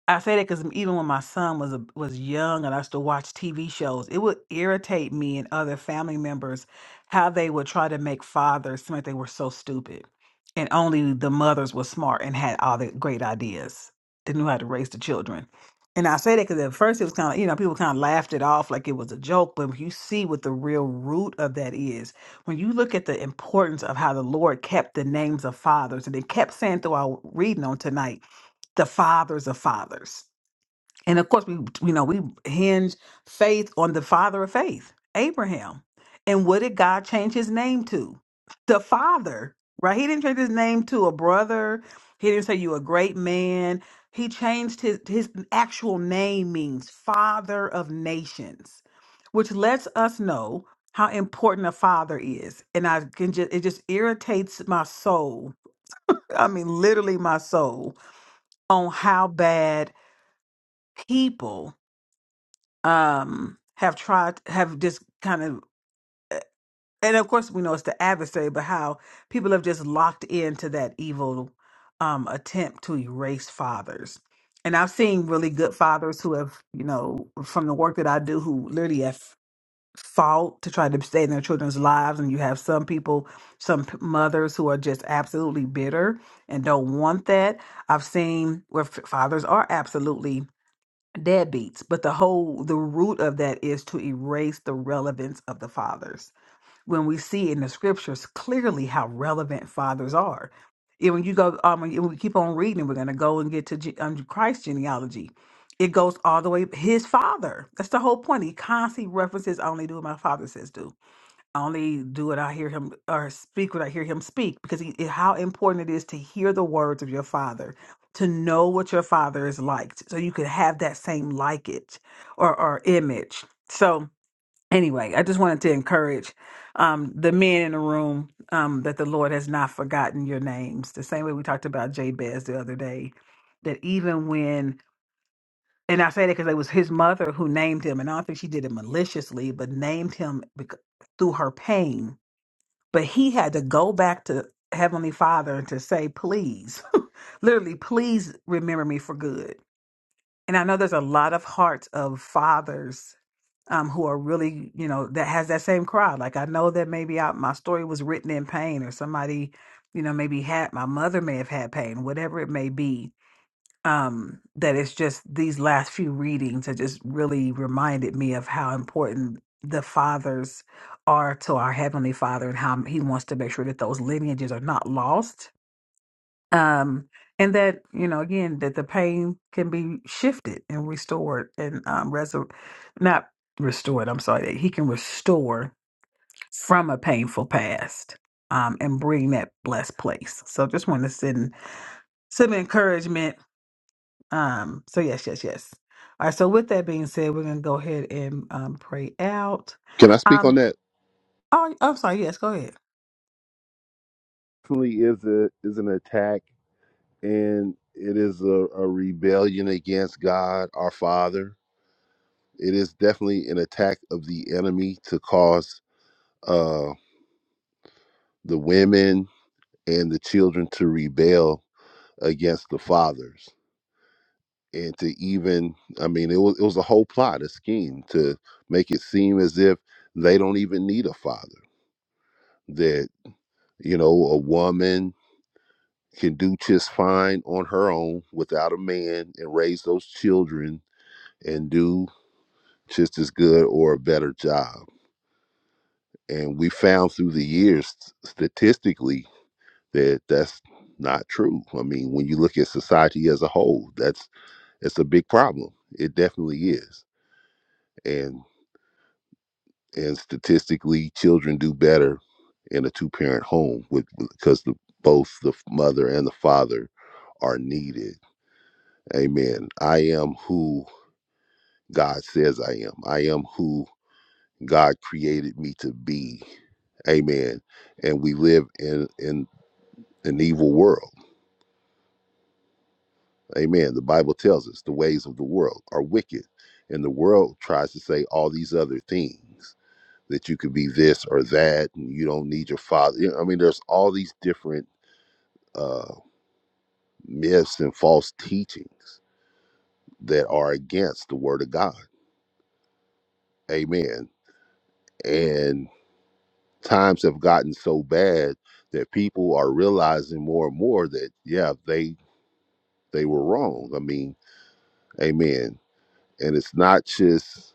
I say that because even when my son was a, was young and I used to watch TV shows, it would irritate me and other family members how they would try to make fathers seem like they were so stupid, and only the mothers were smart and had all the great ideas. They knew how to raise the children. And I say that because at first it was kind of you know people kind of laughed it off like it was a joke, but when you see what the real root of that is, when you look at the importance of how the Lord kept the names of fathers and they kept saying through our reading on tonight the fathers of fathers. And of course, we you know we hinge faith on the father of faith, Abraham. And what did God change his name to? The father, right? He didn't change his name to a brother. He didn't say you a great man. He changed his his actual name means father of nations, which lets us know how important a father is. And I can just it just irritates my soul. I mean, literally my soul on how bad people um have tried have just kind of and of course we know it's the adversary but how people have just locked into that evil um attempt to erase fathers and i've seen really good fathers who have you know from the work that i do who literally have fought to try to stay in their children's lives and you have some people some p- mothers who are just absolutely bitter and don't want that i've seen where f- fathers are absolutely deadbeats but the whole the root of that is to erase the relevance of the fathers when we see in the scriptures clearly how relevant fathers are and when you go um when you- when we keep on reading we're going to go and get to G, um, christ's genealogy it goes all the way his father that's the whole point he constantly references I only do what my father says do I only do what I hear him or speak what I hear him speak because he, how important it is to hear the words of your father, to know what your father is like, so you could have that same like it or, or image. So, anyway, I just wanted to encourage um, the men in the room um, that the Lord has not forgotten your names. The same way we talked about Jabez the other day, that even when and I say that because it was his mother who named him, and I don't think she did it maliciously, but named him bec- through her pain but he had to go back to Heavenly Father and to say, please, literally, please remember me for good. And I know there's a lot of hearts of fathers um, who are really, you know, that has that same cry. Like I know that maybe I, my story was written in pain or somebody, you know, maybe had my mother may have had pain, whatever it may be um, that it's just these last few readings have just really reminded me of how important the fathers are to our heavenly father and how he wants to make sure that those lineages are not lost um and that you know again that the pain can be shifted and restored and um resur- not restored i'm sorry that he can restore from a painful past um and bring that blessed place so just want to send some encouragement um, so yes, yes, yes. All right. So with that being said, we're gonna go ahead and um pray out. Can I speak on Um that? oh I'm sorry, yes, go ahead. Definitely is a is an attack, and it is a, a rebellion against God, our Father. It is definitely an attack of the enemy to cause uh, the women and the children to rebel against the fathers and to even i mean it was it was a whole plot a scheme to make it seem as if they don't even need a father that you know a woman can do just fine on her own without a man and raise those children and do just as good or a better job and we found through the years statistically that that's not true i mean when you look at society as a whole that's it's a big problem it definitely is and and statistically children do better in a two parent home with because the, both the mother and the father are needed amen i am who god says i am i am who god created me to be amen and we live in in an evil world amen the bible tells us the ways of the world are wicked and the world tries to say all these other things that you could be this or that and you don't need your father you know, i mean there's all these different uh myths and false teachings that are against the word of god amen and times have gotten so bad that people are realizing more and more that yeah they they were wrong i mean amen and it's not just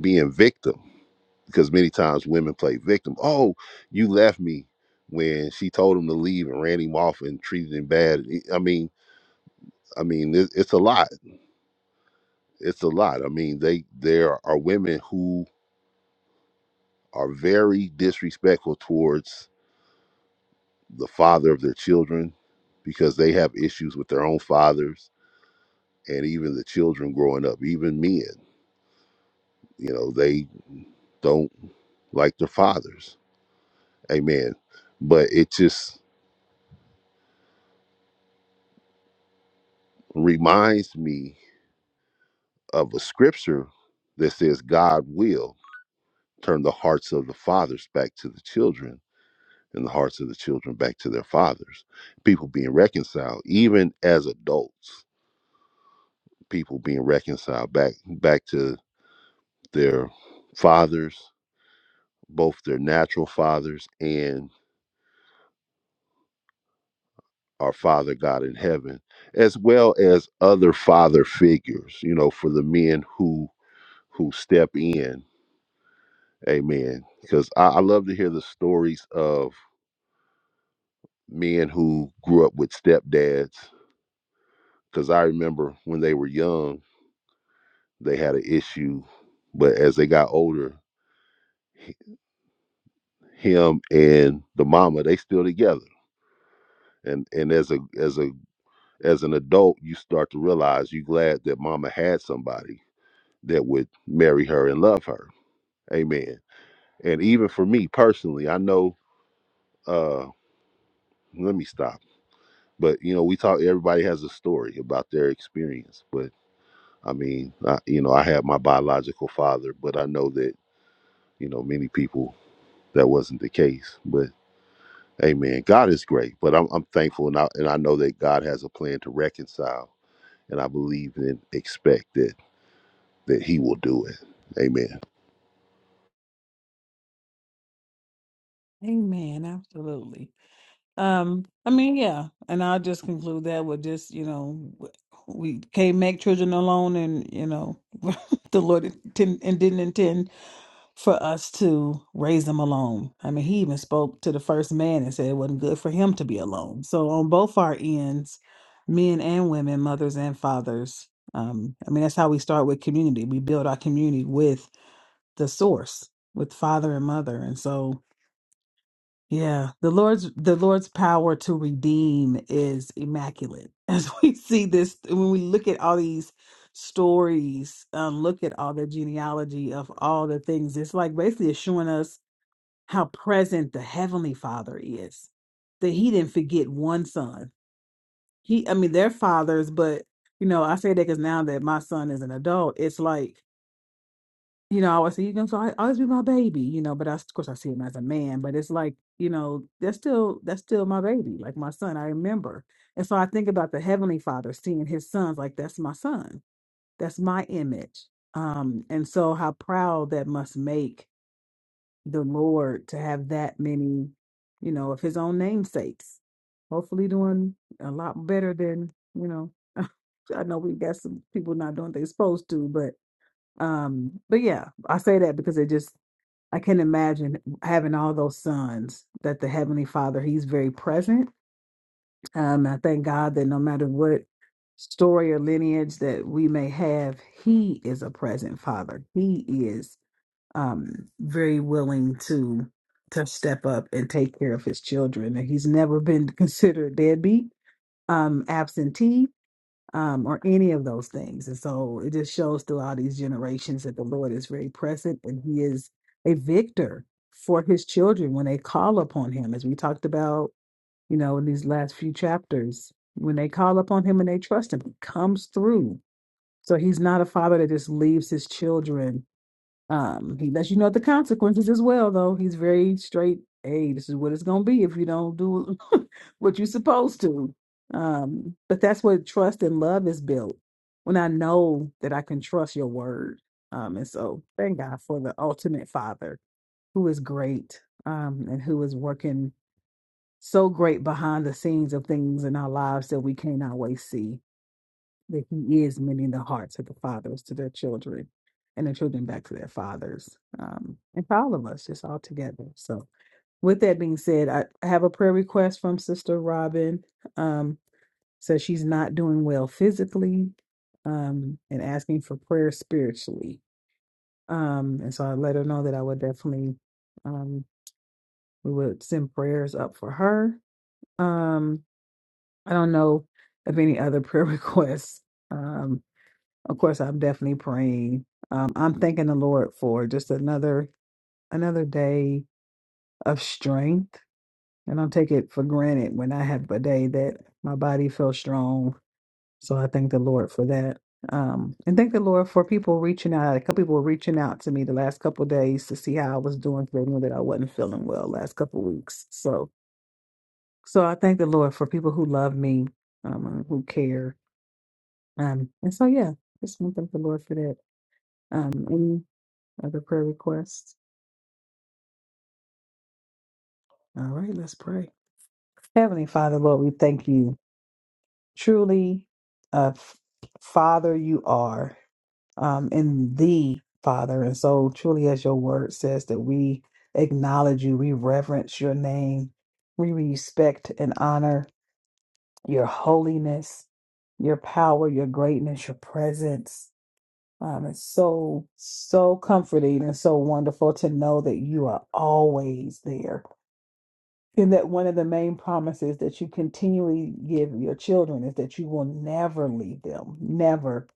being victim because many times women play victim. Oh, you left me when she told him to leave and ran him off and treated him bad. I mean, I mean, it, it's a lot. It's a lot. I mean, they there are women who are very disrespectful towards the father of their children because they have issues with their own fathers and even the children growing up, even men. You know, they don't like their fathers. Amen. But it just reminds me of a scripture that says God will turn the hearts of the fathers back to the children and the hearts of the children back to their fathers. People being reconciled, even as adults, people being reconciled back back to their fathers, both their natural fathers and our Father God in heaven, as well as other father figures, you know, for the men who who step in. Amen. Because I, I love to hear the stories of men who grew up with stepdads because i remember when they were young they had an issue but as they got older him and the mama they still together and and as a as a as an adult you start to realize you glad that mama had somebody that would marry her and love her amen and even for me personally i know uh let me stop but you know we talk everybody has a story about their experience but I mean, I, you know, I had my biological father, but I know that, you know, many people that wasn't the case. But amen, God is great. But I'm, I'm thankful and I, and I know that God has a plan to reconcile. And I believe and expect that, that He will do it. Amen. Amen, absolutely. Um, I mean, yeah, and I'll just conclude that with just, you know, we can't make children alone and, you know, the Lord didn't, and didn't intend for us to raise them alone. I mean, he even spoke to the first man and said it wasn't good for him to be alone. So, on both our ends, men and women, mothers and fathers, um, I mean, that's how we start with community. We build our community with the source, with father and mother. And so, yeah, the Lord's the Lord's power to redeem is immaculate. As we see this, when we look at all these stories, um, look at all the genealogy of all the things, it's like basically it's showing us how present the heavenly father is that he didn't forget one son he i mean they're fathers but you know i say that because now that my son is an adult it's like you know i always say you can so I always be my baby you know but I, of course i see him as a man but it's like you know that's still that's still my baby like my son i remember and so i think about the heavenly father seeing his sons like that's my son that's my image um and so how proud that must make the Lord to have that many, you know, of his own namesakes. Hopefully doing a lot better than, you know, I know we got some people not doing what they're supposed to, but um but yeah, I say that because it just I can imagine having all those sons that the Heavenly Father, He's very present. Um I thank God that no matter what story or lineage that we may have, He is a present Father. He is um, very willing to to step up and take care of his children. And he's never been considered deadbeat, um, absentee, um, or any of those things. And so it just shows throughout these generations that the Lord is very present and He is a victor for His children when they call upon Him, as we talked about, you know, in these last few chapters. When they call upon Him and they trust Him, He comes through. So He's not a father that just leaves His children um, he lets you know the consequences as well, though. He's very straight. Hey, this is what it's gonna be if you don't do what you're supposed to. Um, but that's what trust and love is built. When I know that I can trust your word. Um, and so thank God for the ultimate father who is great, um, and who is working so great behind the scenes of things in our lives that we can't always see that he is mending the hearts of the fathers to their children and the children back to their fathers um, and for all of us just all together so with that being said i I have a prayer request from sister robin um, so she's not doing well physically um, and asking for prayer spiritually um, and so i let her know that i would definitely um, we would send prayers up for her um, i don't know of any other prayer requests Um, of course i'm definitely praying um, i'm thanking the lord for just another another day of strength and i don't take it for granted when i have a day that my body feels strong so i thank the lord for that um, and thank the lord for people reaching out a couple people were reaching out to me the last couple of days to see how i was doing 'cause they knew that i wasn't feeling well last couple of weeks so so i thank the lord for people who love me um, who care um, and so yeah just want to thank the lord for that um, Other prayer requests? All right, let's pray. Heavenly Father, Lord, we thank you. Truly, uh, f- Father, you are um, in thee, Father. And so, truly, as your word says, that we acknowledge you, we reverence your name, we respect and honor your holiness, your power, your greatness, your presence. Um, it's so, so comforting and so wonderful to know that you are always there And that one of the main promises that you continually give your children is that you will never leave them, never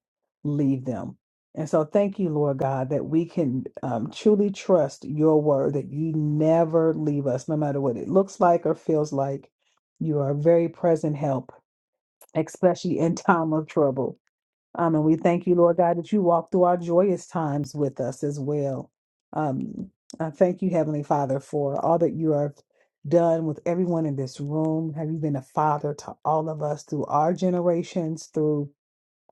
leave them. And so, thank you, Lord God, that we can um, truly trust your word that you never leave us, no matter what it looks like or feels like. You are a very present help, especially in time of trouble. Um, and we thank you, Lord God, that you walk through our joyous times with us as well. Um, I thank you, Heavenly Father, for all that you have done with everyone in this room. Have you been a father to all of us through our generations, through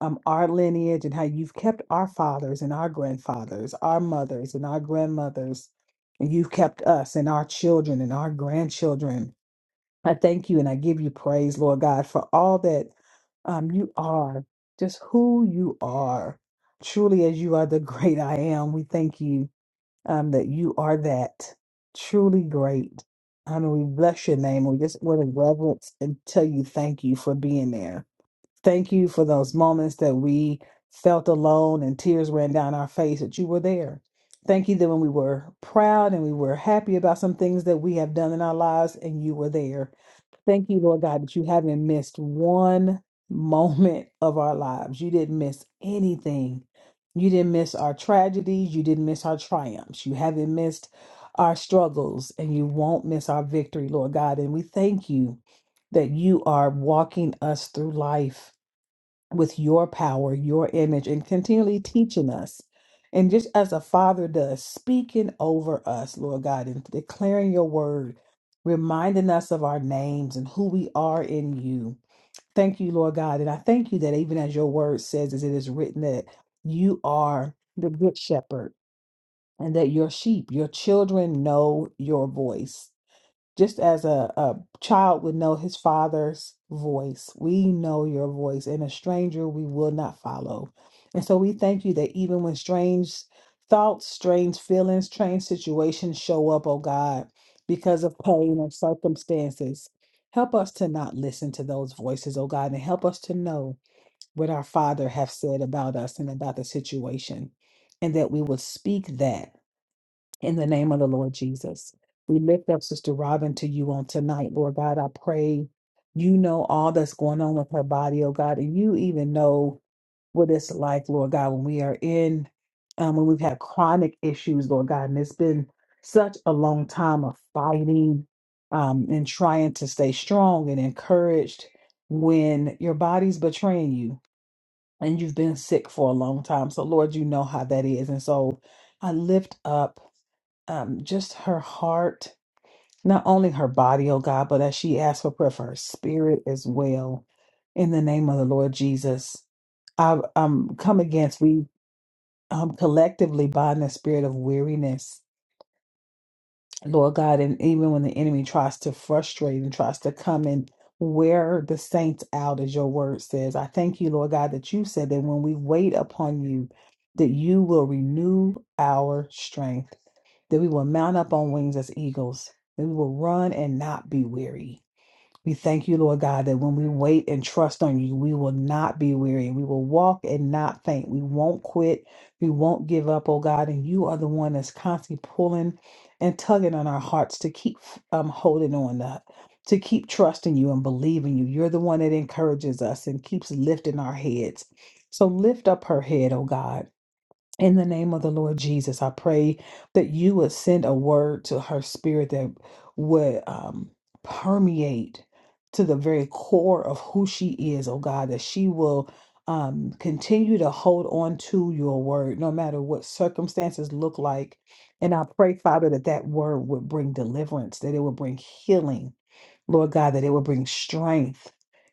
um, our lineage, and how you've kept our fathers and our grandfathers, our mothers and our grandmothers, and you've kept us and our children and our grandchildren I thank you and I give you praise, Lord God, for all that um, you are, just who you are. Truly, as you are the great I am, we thank you um, that you are that truly great. Um, and we bless your name. We just want to reverence and tell you thank you for being there. Thank you for those moments that we felt alone and tears ran down our face that you were there. Thank you that when we were proud and we were happy about some things that we have done in our lives and you were there. Thank you, Lord God, that you haven't missed one moment of our lives. You didn't miss anything. You didn't miss our tragedies. You didn't miss our triumphs. You haven't missed our struggles, and you won't miss our victory, Lord God. And we thank you that you are walking us through life with your power, your image, and continually teaching us. And just as a father does, speaking over us, Lord God, and declaring your word, reminding us of our names and who we are in you. Thank you, Lord God. And I thank you that even as your word says, as it is written, that you are the good shepherd and that your sheep, your children know your voice just as a, a child would know his father's voice, we know your voice, and a stranger we will not follow. And so we thank you that even when strange thoughts, strange feelings, strange situations show up, oh God, because of pain or circumstances, help us to not listen to those voices, oh God, and help us to know what our Father have said about us and about the situation, and that we will speak that in the name of the Lord Jesus. We lift up Sister Robin to you on tonight, Lord God. I pray you know all that's going on with her body, oh God, and you even know what it's like, Lord God, when we are in, um, when we've had chronic issues, Lord God, and it's been such a long time of fighting um, and trying to stay strong and encouraged when your body's betraying you and you've been sick for a long time. So, Lord, you know how that is. And so I lift up um, just her heart, not only her body, oh God, but as she asks for prayer for her spirit as well. In the name of the Lord Jesus, I um, come against, we um, collectively bind the spirit of weariness, Lord God. And even when the enemy tries to frustrate and tries to come and wear the saints out, as your word says, I thank you, Lord God, that you said that when we wait upon you, that you will renew our strength that we will mount up on wings as eagles, that we will run and not be weary. We thank you, Lord God, that when we wait and trust on you, we will not be weary. We will walk and not faint. We won't quit. We won't give up, oh God. And you are the one that's constantly pulling and tugging on our hearts to keep um, holding on to, to keep trusting you and believing you. You're the one that encourages us and keeps lifting our heads. So lift up her head, oh God in the name of the Lord Jesus, I pray that you would send a word to her spirit that would um, permeate to the very core of who she is, oh God, that she will um, continue to hold on to your word no matter what circumstances look like. And I pray, Father, that that word would bring deliverance, that it would bring healing, Lord God, that it would bring strength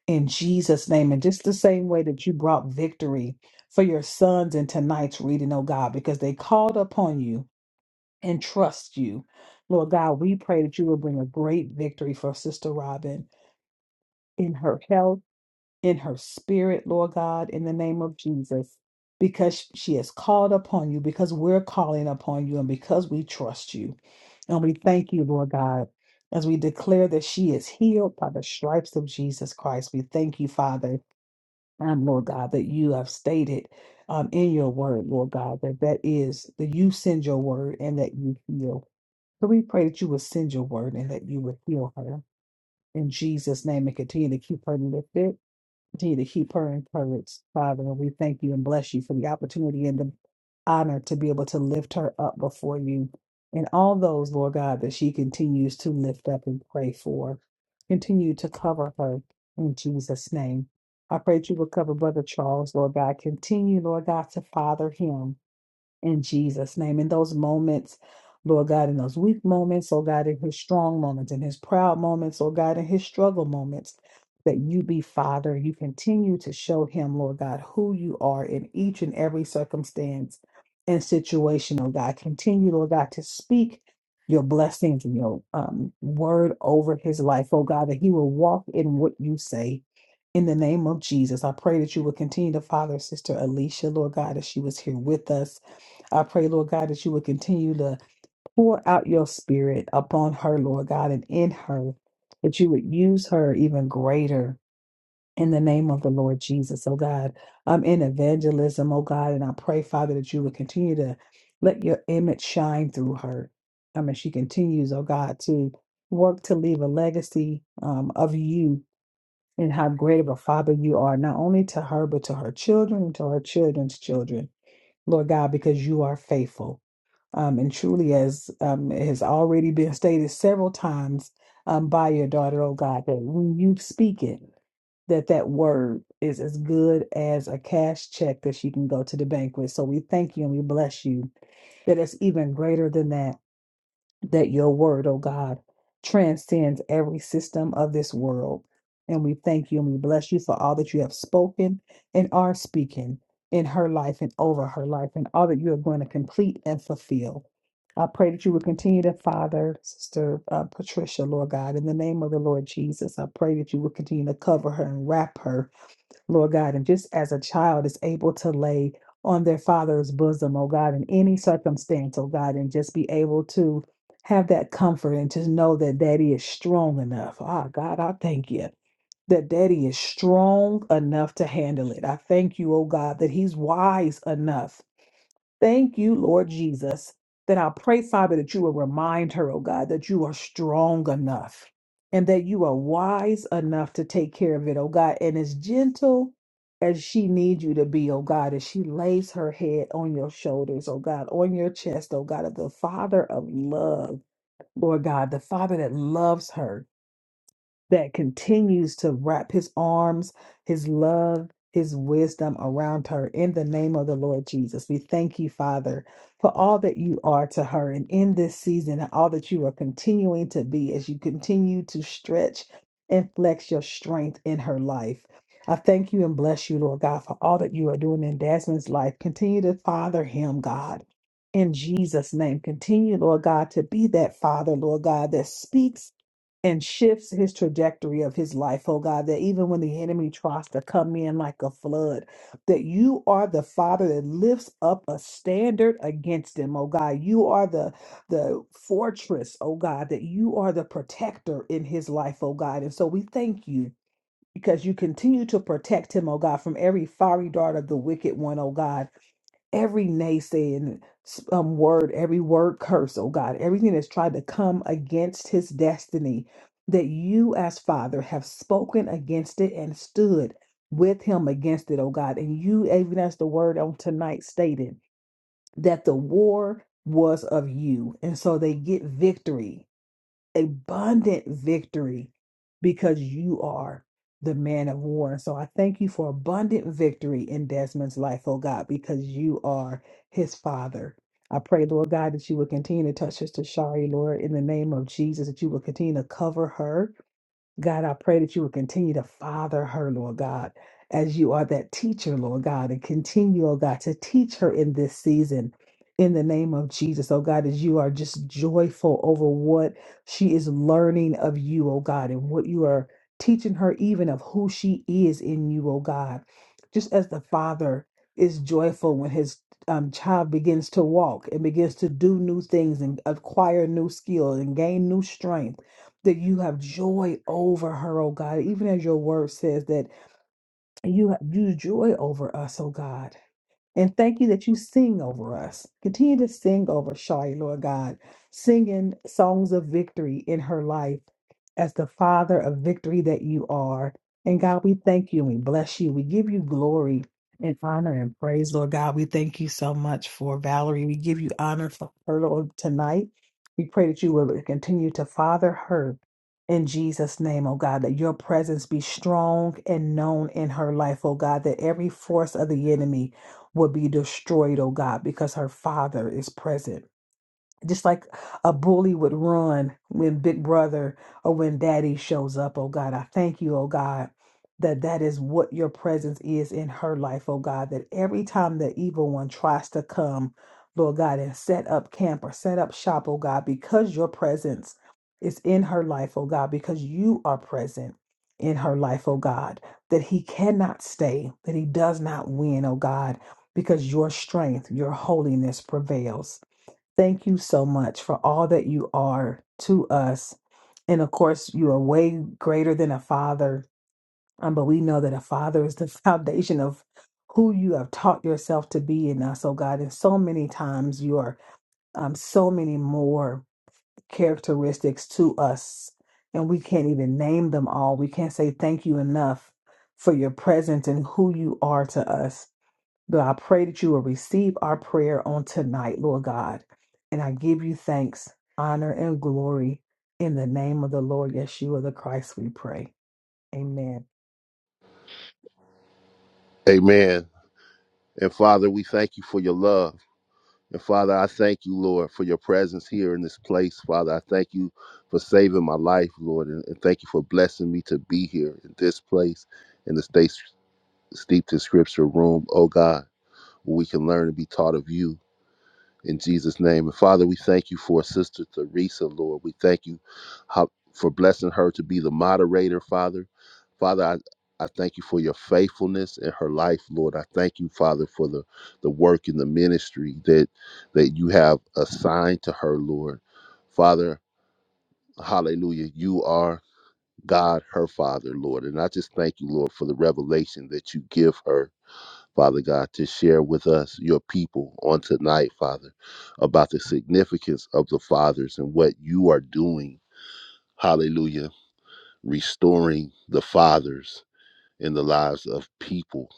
in Jesus' name. And just the same way that you brought victory for your sons in tonight's reading, oh God, because they called upon you and trust you. Lord God, we pray that you will bring a great victory for Sister Robin in her health, in her spirit, Lord God, in the name of Jesus, because she has called upon you, because we're calling upon you, and because we trust you. And we thank you, Lord God, as we declare that she is healed by the stripes of Jesus Christ. We thank you, Father um, Lord God, that you have stated um, in your word, Lord God, that that is that you send your word and that you heal. So we pray that you would send your word and that you would heal her in Jesus' name and continue to keep her lifted Continue to keep her encouraged, Father. And we thank you and bless you for the opportunity and the honor to be able to lift her up before you and all those, Lord God, that she continues to lift up and pray for. Continue to cover her in Jesus' name. I pray that you will cover Brother Charles, Lord God. Continue, Lord God, to father him in Jesus' name. In those moments, Lord God, in those weak moments, oh God, in his strong moments, in his proud moments, oh God, in his struggle moments, that you be Father. You continue to show him, Lord God, who you are in each and every circumstance and situation, oh God. Continue, Lord God, to speak your blessings and your um, word over his life, oh God, that he will walk in what you say. In the name of Jesus, I pray that you will continue to father Sister Alicia, Lord God, as she was here with us. I pray, Lord God, that you would continue to pour out your spirit upon her, Lord God, and in her, that you would use her even greater in the name of the Lord Jesus, oh God. I'm in evangelism, oh God, and I pray, Father, that you would continue to let your image shine through her. I mean, she continues, oh God, to work to leave a legacy um, of you and how great of a father you are, not only to her, but to her children and to her children's children, Lord God, because you are faithful. Um, and truly, as um, has already been stated several times um, by your daughter, oh God, that when you speak it, that that word is as good as a cash check that she can go to the bank with. So we thank you and we bless you that it's even greater than that that your word, oh God, transcends every system of this world. And we thank you and we bless you for all that you have spoken and are speaking in her life and over her life and all that you are going to complete and fulfill. I pray that you will continue to father Sister uh, Patricia, Lord God, in the name of the Lord Jesus. I pray that you will continue to cover her and wrap her Lord God, and just as a child is able to lay on their father's bosom, oh God, in any circumstance, oh God, and just be able to have that comfort and to know that daddy is strong enough. Ah, God, I thank you that daddy is strong enough to handle it. I thank you, oh God, that he's wise enough Thank you, Lord Jesus, that I pray, Father, that you will remind her, oh God, that you are strong enough and that you are wise enough to take care of it, oh God, and as gentle as she needs you to be, oh God, as she lays her head on your shoulders, oh God, on your chest, oh God, of the Father of love, Lord God, the Father that loves her that continues to wrap his arms, his love, his wisdom around her in the name of the Lord Jesus. We thank you, Father, for all that you are to her and in this season and all that you are continuing to be as you continue to stretch and flex your strength in her life. I thank you and bless you, Lord God, for all that you are doing in Desmond's life. Continue to father him, God. In Jesus' name, continue, Lord God, to be that father, Lord God, that speaks and shifts his trajectory of his life, oh God, that even when the enemy tries to come in like a flood, that you are the Father that lifts up a standard against him, oh God. You are the the fortress, oh God, that you are the protector in his life, oh God. And so we thank you. Because you continue to protect him, oh God, from every fiery dart of the wicked one, oh God every naysaying um, word, every word curse, oh God, everything that's tried to come against his destiny, that you as Father have spoken against it and stood with him against it, oh God. And you, even as the word on tonight stated, that the war was of you. And so they get victory abundant victory because you are the man of war. And so I thank you for abundant victory in Desmond's life, oh God, because you are his father. I pray, Lord God, that you will continue to touch Sister Shari, Lord, in the name of Jesus, that you will continue to cover her God, I pray that you will continue to father her, Lord God, as you are that teacher, Lord God, and continue, oh God, to teach her in this season. In the name of Jesus, oh God, as you are just joyful over what she is learning of you, oh God, and what you are teaching her, even of who she is in you, oh God. Just as the Father is joyful when his um, child begins to walk and begins to do new things and acquire new skills and gain new strength that you have joy over her, oh God, even as your word says that you have you joy over us, oh God. And thank you that you sing over us. Continue to sing over Shai, Lord God, singing songs of victory in her life as the Father of victory that you are. And God, we thank you and we bless you. We give you glory and honor and praise, Lord God. We thank you so much for Valerie. We give you honor for her, Lord, tonight. We pray that you will continue to father her in Jesus' name, oh God, that your presence be strong and known in her life, oh God, that every force of the enemy would be destroyed, oh God, because her father is present just like a bully would run when big brother or when daddy shows up oh god i thank you oh god that that is what your presence is in her life oh god that every time the evil one tries to come lord god and set up camp or set up shop oh god because your presence is in her life oh god because you are present in her life oh god that he cannot stay that he does not win oh god because your strength your holiness prevails Thank you so much for all that you are to us. And of course, you are way greater than a father. Um, but we know that a father is the foundation of who you have taught yourself to be in us, oh God. And so many times you are um, so many more characteristics to us, and we can't even name them all. We can't say thank you enough for your presence and who you are to us. God, I pray that you will receive our prayer on tonight, Lord God. And I give you thanks, honor, and glory in the name of the Lord Yeshua the Christ, we pray. Amen. Amen. And Father, we thank you for your love. And Father, I thank you, Lord, for your presence here in this place. Father, I thank you for saving my life, Lord, and, and thank you for blessing me to be here in this place, in the States Steeped in Scripture room, oh God, where we can learn and be taught of you in Jesus' name. And Father, we thank you for Sister Teresa, Lord. We thank you how, for blessing her to be the moderator, Father. Father, I, I thank you for your faithfulness in her life, Lord. I thank you, Father, for the, the work in the ministry that that you have assigned to her, Lord. Father, hallelujah. You are God, her Father, Lord. And I just thank you, Lord, for the revelation that you give her Father God, to share with us, your people, on tonight, Father, about the significance of the fathers and what you are doing. Hallelujah. Restoring the fathers in the lives of people.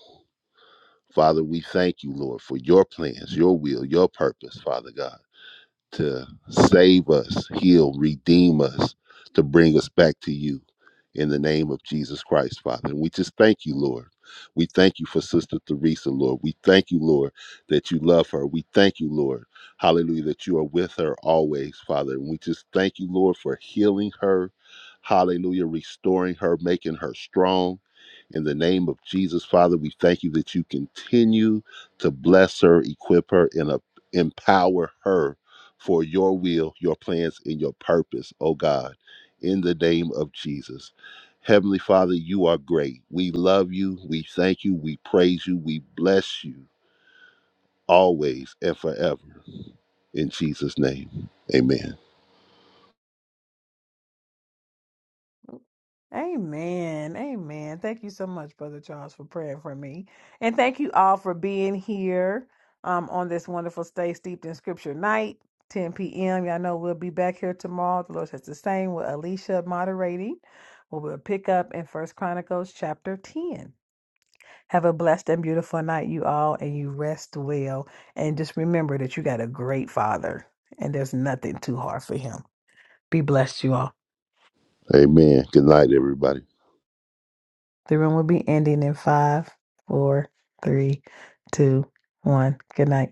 Father, we thank you, Lord, for your plans, your will, your purpose, Father God to save us, heal, redeem us, to bring us back to you in the name of Jesus Christ, Father. And we just thank you, Lord. We thank you for Sister Theresa, Lord. We thank you, Lord, that you love her. We thank you, Lord, hallelujah, that you are with her always, Father. And we just thank you, Lord, for healing her, hallelujah, restoring her, making her strong. In the name of Jesus, Father, we thank you that you continue to bless her, equip her, and uh, empower her for your will, your plans, and your purpose, oh God, in the name of Jesus. Heavenly Father, you are great. We love you. We thank you. We praise you. We bless you always and forever. In Jesus' name, amen. Amen. Amen. Thank you so much, Brother Charles, for praying for me. And thank you all for being here um, on this wonderful Stay Steeped in Scripture night, 10 p.m. Y'all know we'll be back here tomorrow. The Lord says the same with Alicia moderating. We'll pick up in First Chronicles chapter 10. Have a blessed and beautiful night, you all, and you rest well. And just remember that you got a great father, and there's nothing too hard for him. Be blessed, you all. Amen. Good night, everybody. The room will be ending in five, four, three, two, one. Good night.